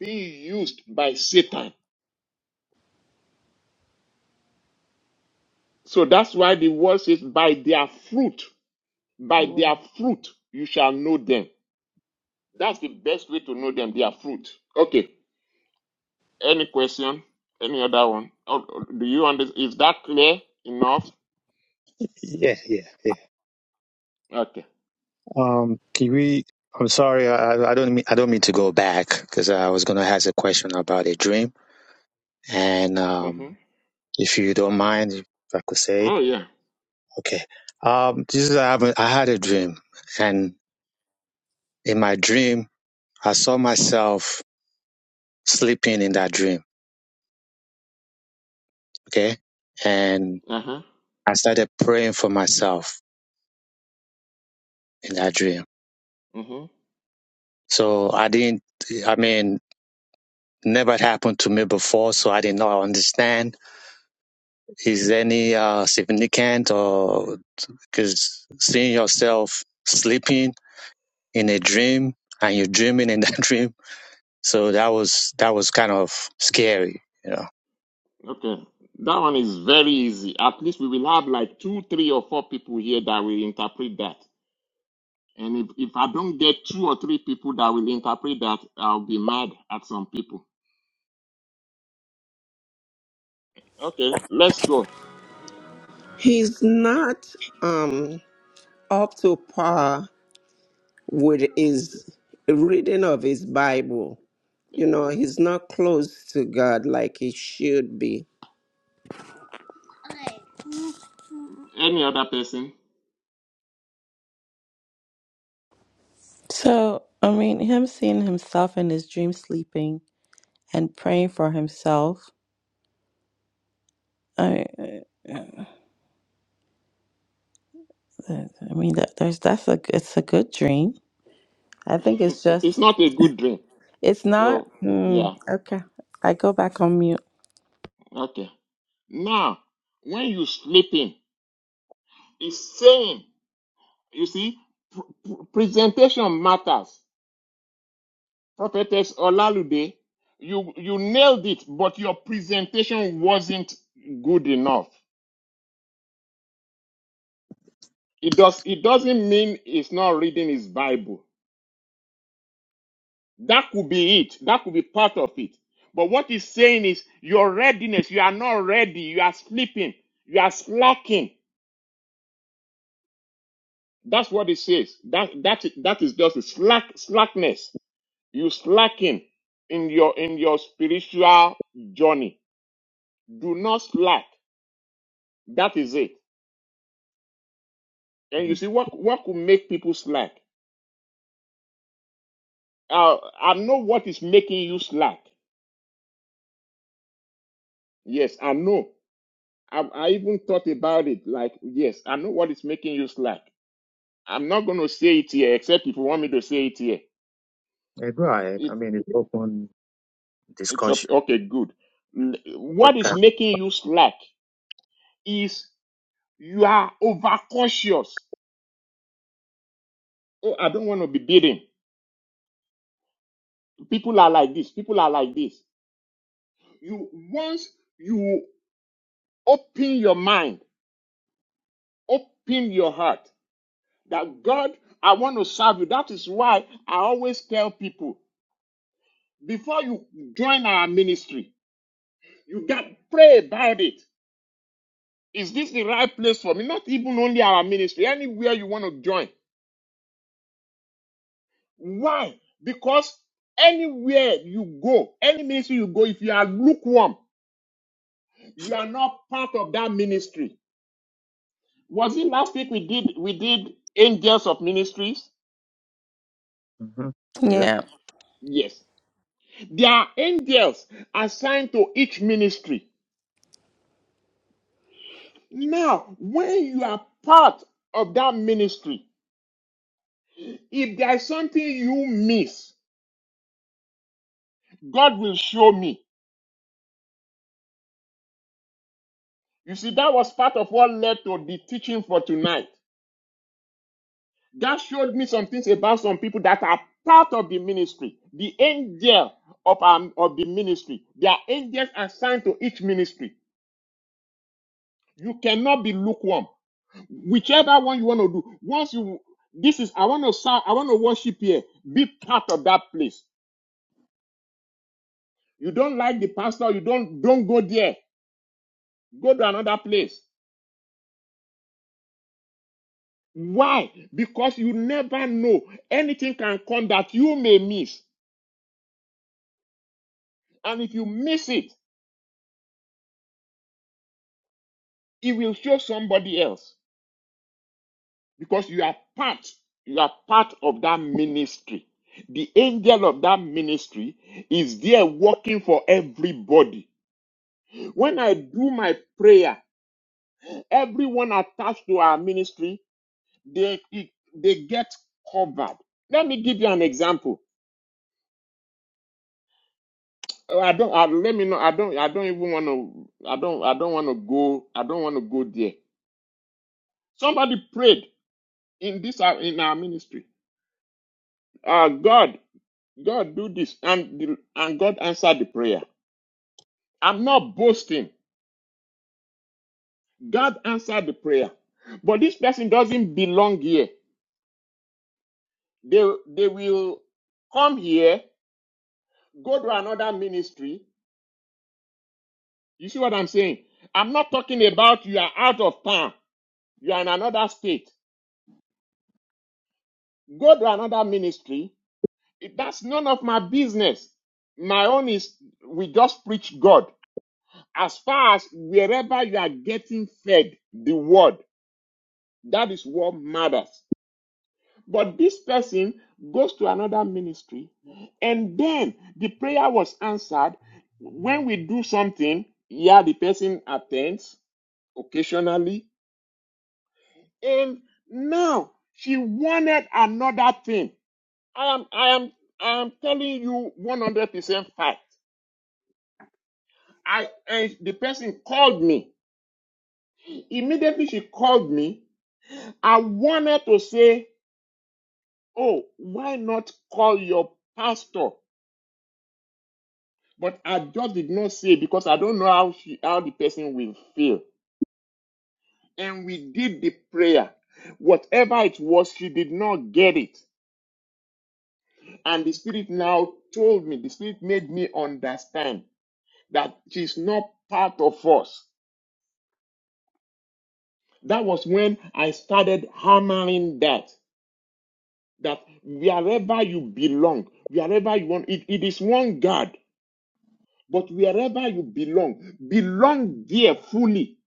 being used by Satan. So that's why the word says, by their fruit, You by will. their fruit, you shall know them. That's the best way to know them, their fruit. Okay. Any question? Any other one? Oh, oh, do you understand? Is that clear enough? Yeah, yeah, yeah. Okay. Um, can we? I'm sorry, I, I don't mean I don't mean to go back because I was gonna ask a question about a dream, and Mm-hmm. um, if you don't mind, if I could say Oh, it, yeah. okay. Um, this is I have a, I had a dream, and. in my dream, I saw myself sleeping in that dream. Okay. And Uh-huh. I started praying for myself in that dream. Mm-hmm. So I didn't, I mean, never happened to me before. So I did not understand is any uh, significant or because seeing yourself sleeping in a dream and you're dreaming in that dream. So that was, that was kind of scary, you know. Okay. That one is very easy. At least we will have like two, three, or four people here that will interpret that. And if, if I don't get two or three people that will interpret that, I'll be mad at some people. Okay, let's go. He's not um, up to par with his reading of his Bible. You know, he's not close to God like he should be. Any other person? So, I mean, him seeing himself in his dream sleeping and praying for himself. I, I I mean, that there's that's a it's a good dream. I think it's it's just not a good dream. it's not. So, Hmm, yeah. okay, I go back on mute. Okay. Now, when you are sleeping, it's saying, you see, presentation matters. Prophetess Olalude, you, you nailed it, but your presentation wasn't good enough. It does, it doesn't mean it's not reading his Bible. That could be it. That could be part of it. But what he's saying is your readiness. You are not ready. You are sleeping. You are slacking. That's what it says. That, that, that is just a slack, slackness. You slacking in your in your spiritual journey. Do not slack. That is it. And you Mm. see what what could make people slack? Uh, I know what is making you slack. Yes, I know. I, I even thought about it. Like, yes, I know what is making you slack. I'm not going to say it here, except if you want me to say it here. Yeah, If I mean, it's open it's up, discussion. okay, good. L- What Everybody is making you slack is you are overcautious. Oh, I don't want to be beaten. People are like this. People are like this. You once you open your mind, open your heart that God, I want to serve you. That is why I always tell people before you join our ministry, you got to pray about it. Is this the right place for me? Not even only our ministry, anywhere you want to join. Why? Because anywhere you go, any ministry you go, if you are lukewarm, you are not part of that ministry Was it last week we did we did angels of ministries? hmm Yeah. Yeah. Yes. There are angels assigned to each ministry. Now, when you are part of that ministry, if there is something you miss, God will show me. You see, that was part of what led to the teaching for tonight. God showed me some things about some people that are part of the ministry, the angel of, our, of the ministry. There are angels assigned to each ministry. You cannot be lukewarm. whichever one you want to do once you this is i want to serve i want to worship here be part of that place you don't like the pastor you don't don't go there go to another place why because you never know anything can come that you may miss and if you miss it it will show somebody else because you are part you are part of that ministry the angel of that ministry is there working for everybody when i do my prayer Everyone attached to our ministry, they they get covered. Let me give you an example. Oh, I don't. I, let me know. I don't. I don't even want to. I don't. I don't want to go. I don't want to go there. Somebody prayed in this our- in our ministry. Uh, God, God, do this, and the, and God answered the prayer. I'm not boasting. God answered the prayer, but this person doesn't belong here. They they will come here, go to another ministry. You see what I'm saying? I'm not talking about you are out of town, you are in another state. Go to another ministry. It- That's none of my business. My own is we just preach God. As far as wherever you are getting fed the word, that is what matters. But this person goes to another ministry, and then the prayer was answered. When we do something, yeah, the person attends occasionally, and now she wanted another thing. I am, I am, I am telling you 100% fact. I, and the person called me immediately. She called me. I wanted to say, "Oh, why not call your pastor?" But I just did not say because I don't know how she, how the person will feel. And we did the prayer. Whatever it was, she did not get it. And the spirit now told me. The spirit made me understand that she's not part of us. That was when I started hammering that that wherever you belong, wherever you want, it, it is one God, but wherever you belong, belong there fully.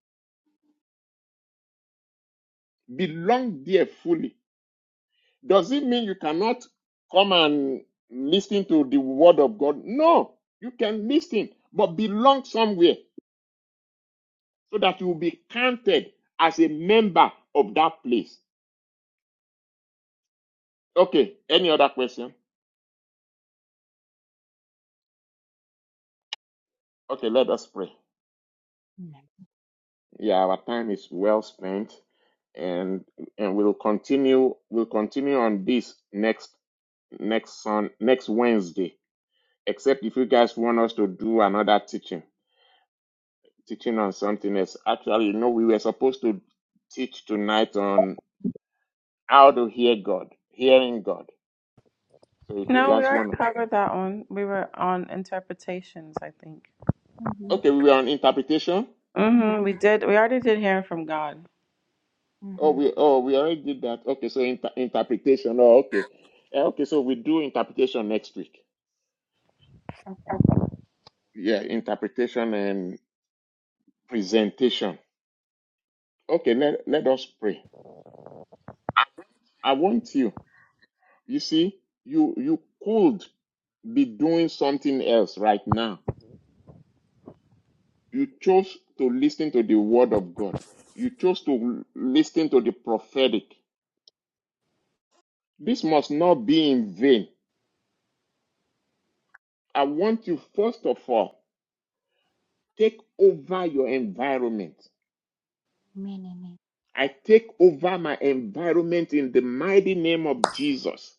Belong there fully. Does it mean you cannot come and listen to the word of God? No, you can listen, but belong somewhere so that you will be counted as a member of that place. Okay, any other question? Okay, let us pray. Amen. Yeah, our time is well spent and and we'll continue we'll continue on this next next on next Wednesday. Except if you guys want us to do another teaching, teaching on something else. Actually, you know, we were supposed to teach tonight on how to hear God, hearing God. So if you No, we guys already wanna covered that one. We were on interpretations, I think. Mm-hmm. Okay, we were on interpretation. Mm-hmm. Mm-hmm. We did. We already did hearing from God. Oh Mm-hmm. we oh we already did that. Okay, so inter- interpretation. Oh okay. Eh, Okay, so we do interpretation next week. Okay. yeah, interpretation and presentation. Okay, let, let us pray. I want you, you see, you you could be doing something else right now. You chose to listen to the word of God. You chose to listen to the prophetic. This must not be in vain. I want you first of all take over your environment. Amen. Amen. I take over my environment in the mighty name of Jesus.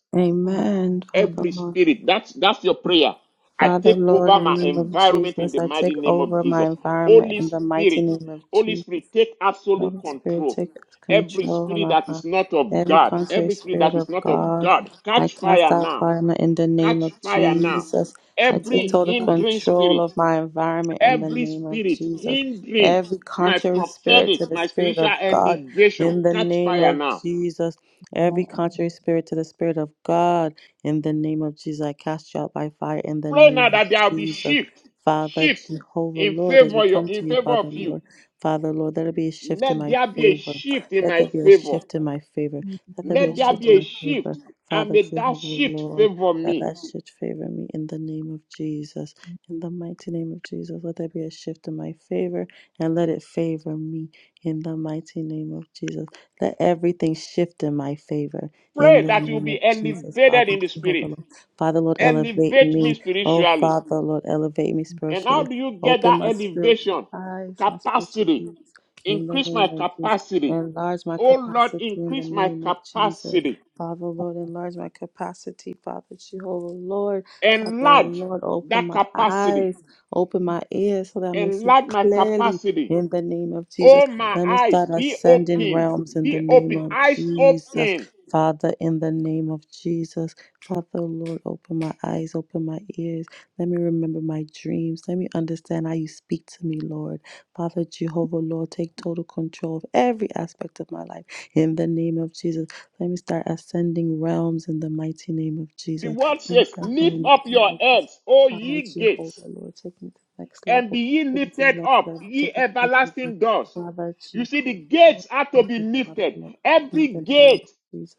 Amen. Amen, Father every Amen. Lord. spirit. That's that's your prayer. I Father, take Lord, over in my the name of environment in Jesus, the I take mighty name of over my Jesus. environment Holy in the mighty Spirit, name of Holy Jesus. Spirit, take absolute Holy Spirit, control. take Every control of spirit my that is body. not of Every God, contrary every spirit spirit that is of not of God, God, I catch cast fire out now. fire in the name of Catch fire now. Jesus. I take Every total hindering control spirit, of my environment in the every name of spirit Jesus. hindering Every my contrary spirit prophetic, to the my spirit spiritual of God, elevation, in the catch name fire of now Jesus. Every Amen. contrary spirit to the spirit of God, in the name of Jesus. I cast you out by fire in the Pray now name of that there will be Jesus. shift, Father, shift Jehovah, in Lord, as we favor your, come in to you, favor of Father, you. Lord. Father, Lord, let there be a shift in Let my there be a favor. shift in Let my there be a favor. shift in my favor. Let there Amen. be a Let Amen. there shift be in a my favor. shift, and Father, may that Jehovah, shift Lord, favor let me. that shift favor me in the name of Jesus. In the mighty name of Jesus, let there be a shift in my favor and let it favor me in the mighty name of Jesus. Let everything shift in my favor in Pray the that you'll name of be Jesus, elevated Father, in the Jehovah, spirit. Lord. Father, Lord, elevate Elevate me me. Oh, spiritually. Father, Lord, elevate me And how spiritually. do you get Open that my spiritual elevation? eyes, my spiritual Capacity. ears, in the Increase my name of Jesus. capacity. Enlarge my Oh Lord, capacity in the increase my name of Jesus. capacity. Father, Lord, enlarge my capacity, Father Jehovah, Lord. Father, oh Enlarge Lord, open that my capacity. eyes, open my ears so that I may see Enlarge my clearly capacity in the name of Jesus. Oh, my Let me eyes, start be ascending opened. realms in Be the name open. of Eyes Jesus. open. Father, in the name of Jesus. Father, Lord, open my eyes, open my ears. Let me remember my dreams. Let me understand how you speak to me, Lord. Father Jehovah, Lord, take total control of every aspect of my life in the name of Jesus. Let me start ascending realms in the mighty name of The Jesus. word Let me says, start Lift going up to the next your level. heads, O Father ye gates, Jehovah, Lord, take me to the next and be level. ye Take me to the lifted next up, level. ye Take me to the next level. everlasting doors. Father You see, the Jehovah, Lord, gates are to thank be you, Father, lifted. Lord, in Every the name of gate Jesus.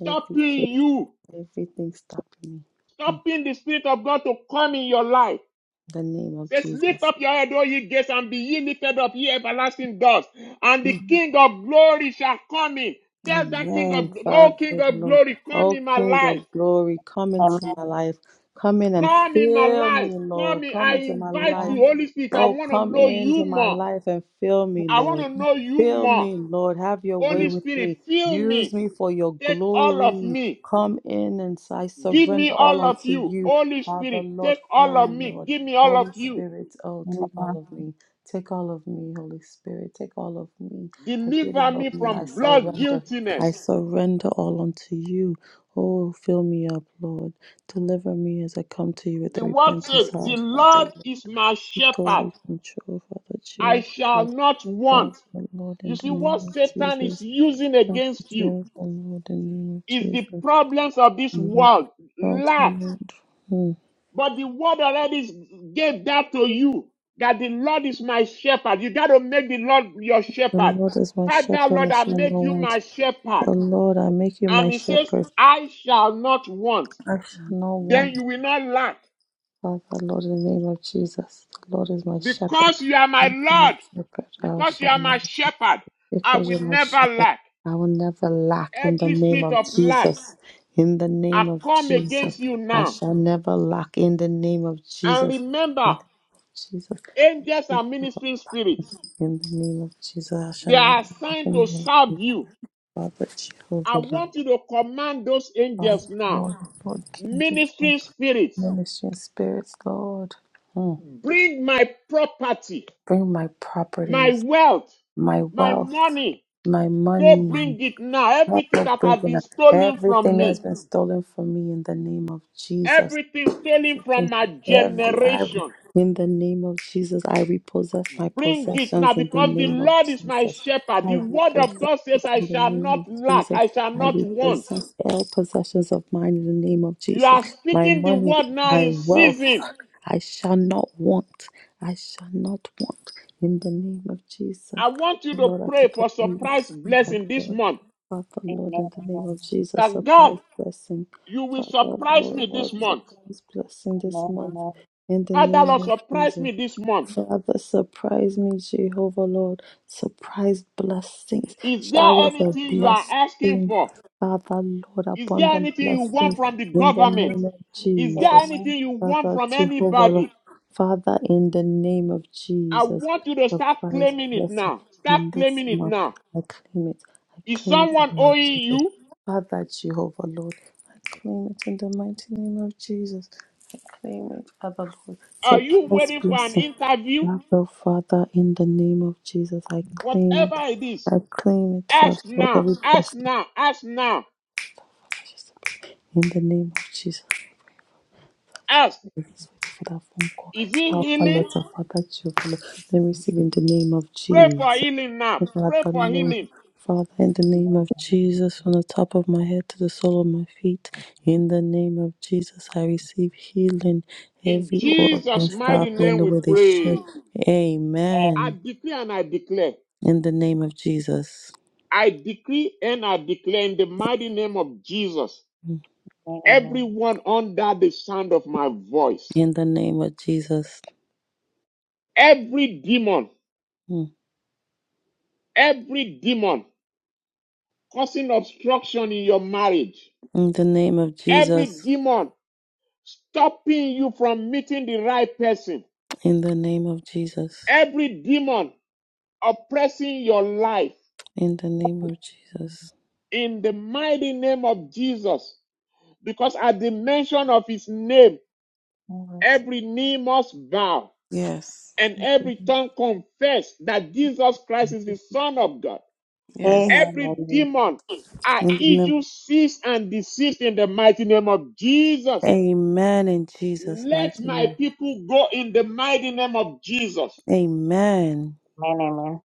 Every case, you, everything stopping me. Mm. stopping the Spirit of God to come in your life. In the name of Says, lift Jesus. up your head, O ye gates, and be ye lifted up, ye everlasting doors, and the Mm. King of glory shall come in. Tell that King Amen, of, oh King Father, of Lord. glory, come O in my King of life. glory, come Amen. into my life. Come in and Come in my fill me, life. Come Lord. in. Come I into my invite life. Amen. you, Holy Spirit. I Oh, want to come know you into my more. life and fill me, I want Lord. to Amen. know you Fill more. me, Lord. Have your way Holy with Spirit, me. fill Use me. me for your Take all of glory. me. Come in and I Give me surrender all all of unto you. you. Holy Father, Spirit, Lord, take fill all of me, me. Lord. Give me all of Holy you. Spirit, oh, Amen. Amen. take all of me. Take all of me, Holy Spirit. Take all of me. I give you Deliver all me of me. I from blood surrender. guiltiness. I surrender all unto you. Oh, fill me up, Lord. Deliver me as I come to you with The a word repentance says, The heart, Father. Lord Lord. is my Take shepherd. away control, Father I Jehovah. shall Lord, not want. Father, Lord, You in the see, what name of Satan is Jesus. using Father against you Jehovah, Lord, in the name of is the Jesus. problems of this Amen. world, Father, lack. Lord. Hmm. But the word already gave that to you that the Lord is my shepherd. You got to make the Lord your The shepherd. Lord is my Father, shepherd, Lord, I I shall not make you want. my shepherd. The Lord, I make you And my he says, shepherd. I shall not want. I shall not Then want. you will not lack Father, Lord, in the name of Jesus, the Lord is my shepherd. because you are my You are my Lord. shepherd, I Because you shall are my not. shepherd, I Because will you're my never shepherd, lack. I will never lack in the Every name spirit of of lack, Jesus. In the I name of come Jesus, against you I now. shall never lack in the name of And Jesus. In remember, the Jesus, angels are ministering spirits. in the name of Jesus, I shall They never are lack assigned in to the name of serve Jesus. you. Father, Jehovah, I Lord, want you to command those Father, angels now. Lord, Lord, King to King, Ministering spirits, ministry and spirits, Lord. Mm. bring my property, Bring my my properties. wealth, my my wealth, money. my Go money, bring it now. help Everything us that bring has in been stolen from everything that has me, been stolen from me in the name of Jesus. everything stolen from Everything, my every I, generation in the name of Jesus, I repossess my Bring it now possessions in the because the name of Lord is my Jesus. shepherd. I The word of repossess God it says, I in the shall name not of lack, Jesus. I shall I not want. repossess all possessions of mine in the name of You Jesus. are My speaking the money, word now my in wealth. season. I shall not want. I shall not want. In the name of Jesus. I want you to Lord, I pray prepare for the next surprise thing for the blessing this Lord. month. Father, Amen. Lord, in the name of Jesus, That God, surprise blessing. you will Father, surprise Lord, me this Lord, month. surprise blessing this Amen. month. Amen. In the Father, name Lord, of surprise Jesus. me this month. Father, surprise me, Jehovah Lord. Surprise blessings. Is there shower the anything you are asking blessings. for? Father, Lord, Is there abundant anything you want blessings from the in the government? name of Is there Jesus. anything you want Father, from Jehovah Lord. anybody? Father, in the name of I Jesus. want you to start Surprise claiming it blessing now. Start in this claiming it month. now. I claim it. I Is claim it in someone the name of owing Jesus. you? Father, Jehovah Lord. I claim it in the mighty name of Jesus. I claim it, Father Lord. Are you Surprise waiting for an blessing. interview? Now, oh Father, in the name of Jesus, I claim Whatever it. it is, I claim it, Father, ask for now. every Ask blessing. now. Ask now. Jesus. In the name of Jesus, Ask. I just wait for that phone call. Is it Alpha healing? letter, Father, Jehovah, let me receive in the name of Pray for Jesus. healing now. Pray Father, for Lord, healing. Father, in the name of Jesus, from the top of my head to the sole of my feet, in the name of Jesus, I receive healing. In Every Jesus' organ mighty stop in name the we way they should. pray. I Amen. decree and I declare. In the name of Jesus. I decree and I declare in the mighty name of Jesus. Amen. Everyone under the sound of my voice In the name of Jesus. every demon Mm. Every demon causing obstruction in your marriage, In the name of every Jesus. demon stopping you from meeting the right person, In the name of Jesus. every demon oppressing your life In the name of Jesus. in the mighty name of Jesus. Because at the mention of his name, All right. every knee must bow Yes. and every Amen. tongue confess that Jesus Christ is the Son of God. Yes. Every Amen. demon I In the name. issue cease, and desist in the mighty name of Jesus. Amen. In Jesus' Let mighty my name. people go in the mighty name of Jesus. Amen. Amen. Amen.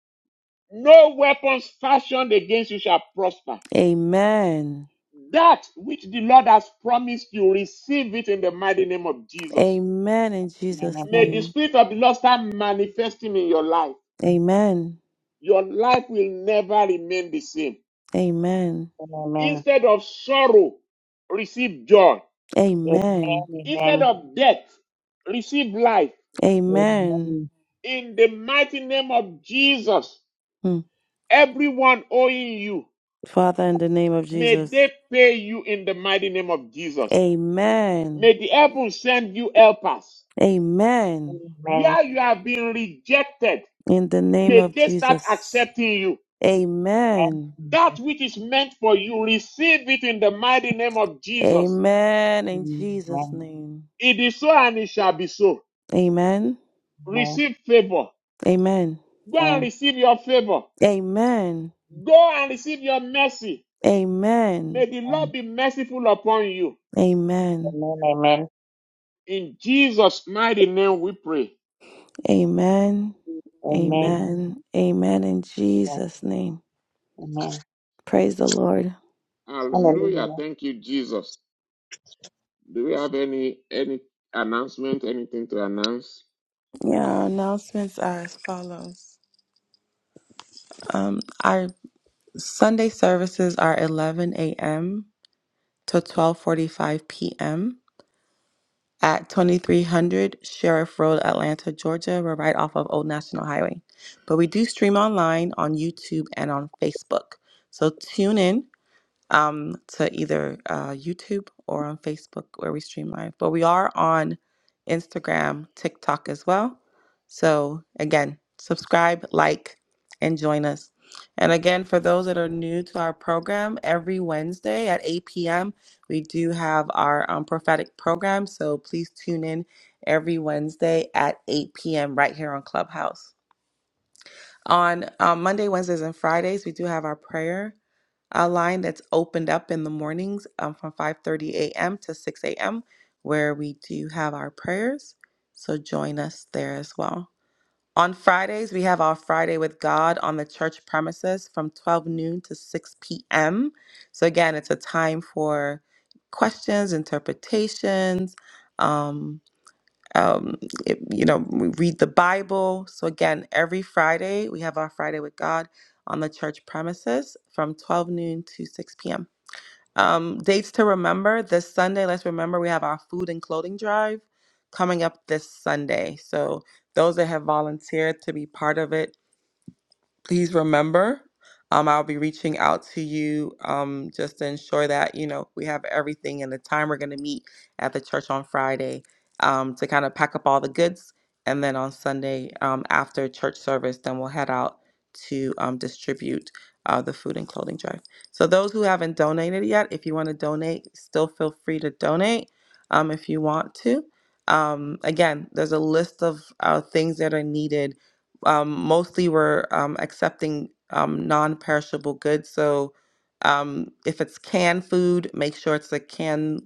No weapons fashioned against you shall prosper. Amen. That which the Lord has promised you, receive it in the mighty name of Jesus. Amen. In Jesus' May Amen. the name. Spirit of the Lord start manifesting in your life. Amen. Your life will never remain the same. Amen. Amen. Instead of sorrow, receive joy. Amen. Amen. Instead of death, receive life. Amen. In the mighty name of Jesus, Mm. everyone owing you. Father, in the name of May Jesus. they pay you in the mighty name of Jesus. Amen. May the heavens send you helpers. Amen. Amen. Where you have been rejected, In the name may of they start Jesus. accepting you. Amen. That which is meant for you, receive it in the mighty name of Jesus. Amen. In Jesus' name. It is so and it shall be so. Amen. Receive favor. Amen. Go and receive your favor. Amen. Go and receive your mercy. May Amen. the Lord be merciful upon you. Amen. Amen. Amen. Amen. Amen. Amen. Amen. Amen. In Jesus' mighty name we pray. Amen. Amen. Amen. Amen. In Jesus' name. Amen. Praise the Lord. Yeah. Hallelujah. Hallelujah. Thank you, Jesus. Do we have any any announcement, anything to announce? Yeah, announcements are as follows. Um, our Sunday services are 11 a.m. to 12:45 p.m. at 2300 Sheriff Road, Atlanta, Georgia. We're right off of Old National Highway. But we do stream online on YouTube and on Facebook. So tune in um, to either uh, YouTube or on Facebook where we stream live. But we are on Instagram, TikTok as well. So again, subscribe, like, and join us. And again, for those that are new to our program, every Wednesday at 8 p.m., we do have our um, prophetic program. So please tune in every Wednesday at 8 p.m. right here on Clubhouse. On um, Monday, Wednesdays, and Fridays, we do have our prayer a line that's opened up in the mornings um, from 5:30 a.m. to 6 a.m. where we do have our prayers. So join us there as well. On Fridays, we have our Friday with God on the church premises from 12 noon to 6 p.m. So again, it's a time for questions, interpretations, um um, it- you know, we read the Bible. So again, every Friday we have our Friday with God on the church premises from 12 noon to 6 p.m. Um, dates to remember this Sunday. Let's remember we have our food and clothing drive coming up this Sunday. So those that have volunteered to be part of it please remember um, i'll be reaching out to you um, just to ensure that you know we have everything and the time we're going to meet at the church on friday um, to kind of pack up all the goods and then on sunday um, after church service then we'll head out to um, distribute uh, the food and clothing drive so those who haven't donated yet if you want to donate still feel free to donate um, if you want to um, again there's a list of uh, things that are needed um, mostly we're um, accepting um, non-perishable goods. So um, if it's canned food, make sure it's a can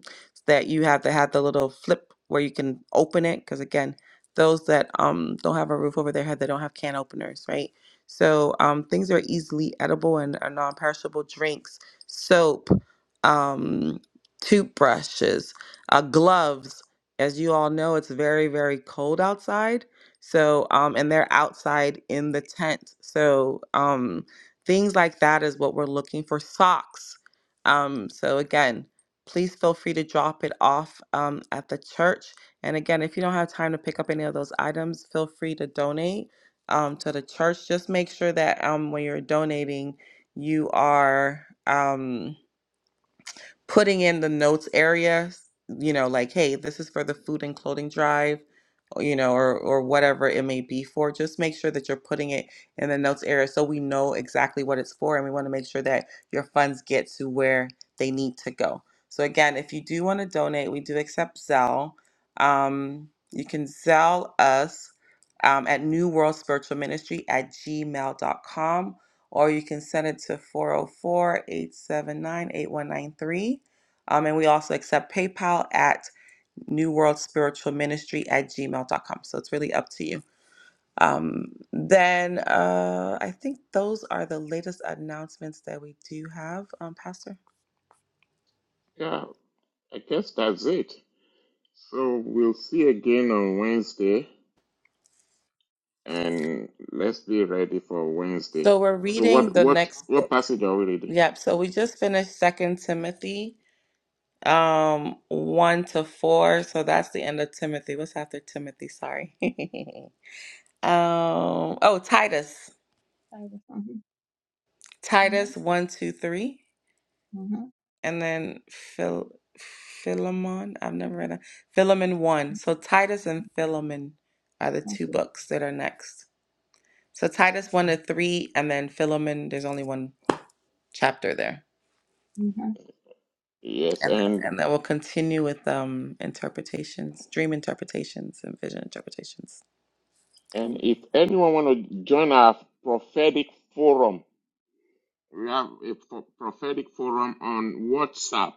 that you have to have the little flip where you can open it. Because again, those that um, don't have a roof over their head, they don't have can openers, right? So um, things that are easily edible and are non-perishable. Drinks, soap, um, toothbrushes, uh, gloves. As you all know, it's very, very cold outside so, um, and they're outside in the tent. So, um, things like that is what we're looking for. Socks. Um, so again, please feel free to drop it off um, at the church. And again, if you don't have time to pick up any of those items, feel free to donate um, to the church. Just make sure that um, when you're donating, you are. Um, putting in the notes area, you know, like, hey, this is for the food and clothing drive, or, you know, or or whatever it may be for. Just make sure that you're putting it in the notes area so we know exactly what it's for, and we want to make sure that your funds get to where they need to go. So again, if you do want to donate, we do accept Zelle. Um, you can Zelle us um, at New World Spiritual Ministry at gmail dot com or you can send it to four zero four eight seven nine eight one nine three, 879 and we also accept PayPal at New World Spiritual Ministry at gmail dot com. So it's really up to you. Um, then uh, I think those are the latest announcements that we do have, um, Pastor. Yeah, I guess that's it. So we'll see again on Wednesday and let's be ready for Wednesday. So we're So reading what the what next what book. passage are we reading? Yep. So we just finished Second Timothy um one to four. So that's the end of Timothy. What's after Timothy? Sorry. Um, oh, Titus. Mhm. Mhm. Titus one, two, three. Mhm. And then Phil Philemon. I've never read that. Philemon one. So Titus and Philemon are the two Okay. books that are next. So Titus one to three, and then Philemon, there's only one chapter there. Mhm. Yes, And then and and then we'll continue with um interpretations, dream interpretations and vision interpretations. and Okay. if anyone want to join our prophetic forum, we have a pro- prophetic forum on WhatsApp.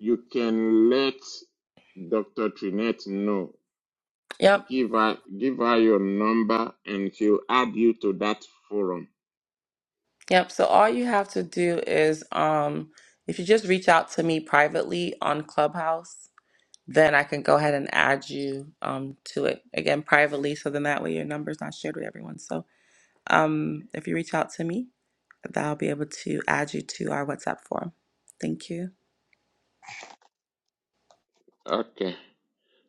You can let Dr. Trinette know Yep. Give her give her your number and she'll add you to that forum. Yep. So all you have to do is um if you just reach out to me privately on Clubhouse then I can go ahead and add you um, to it again privately. So then that way your number's not shared with everyone. So um, if you reach out to me, that I'll be able to add you to our WhatsApp forum. Thank you. Okay.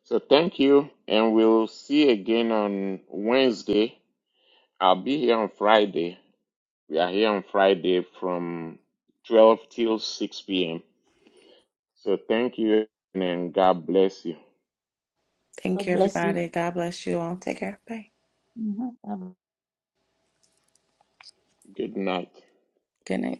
So thank you and we'll see again on Wednesday. I'll be here on Friday. We are here on Friday from 12 till 6 p.m. So thank you and God bless you. Thank God you, bless you. everybody. God bless you all. Take care. Bye. Mhm. Good night. Good night.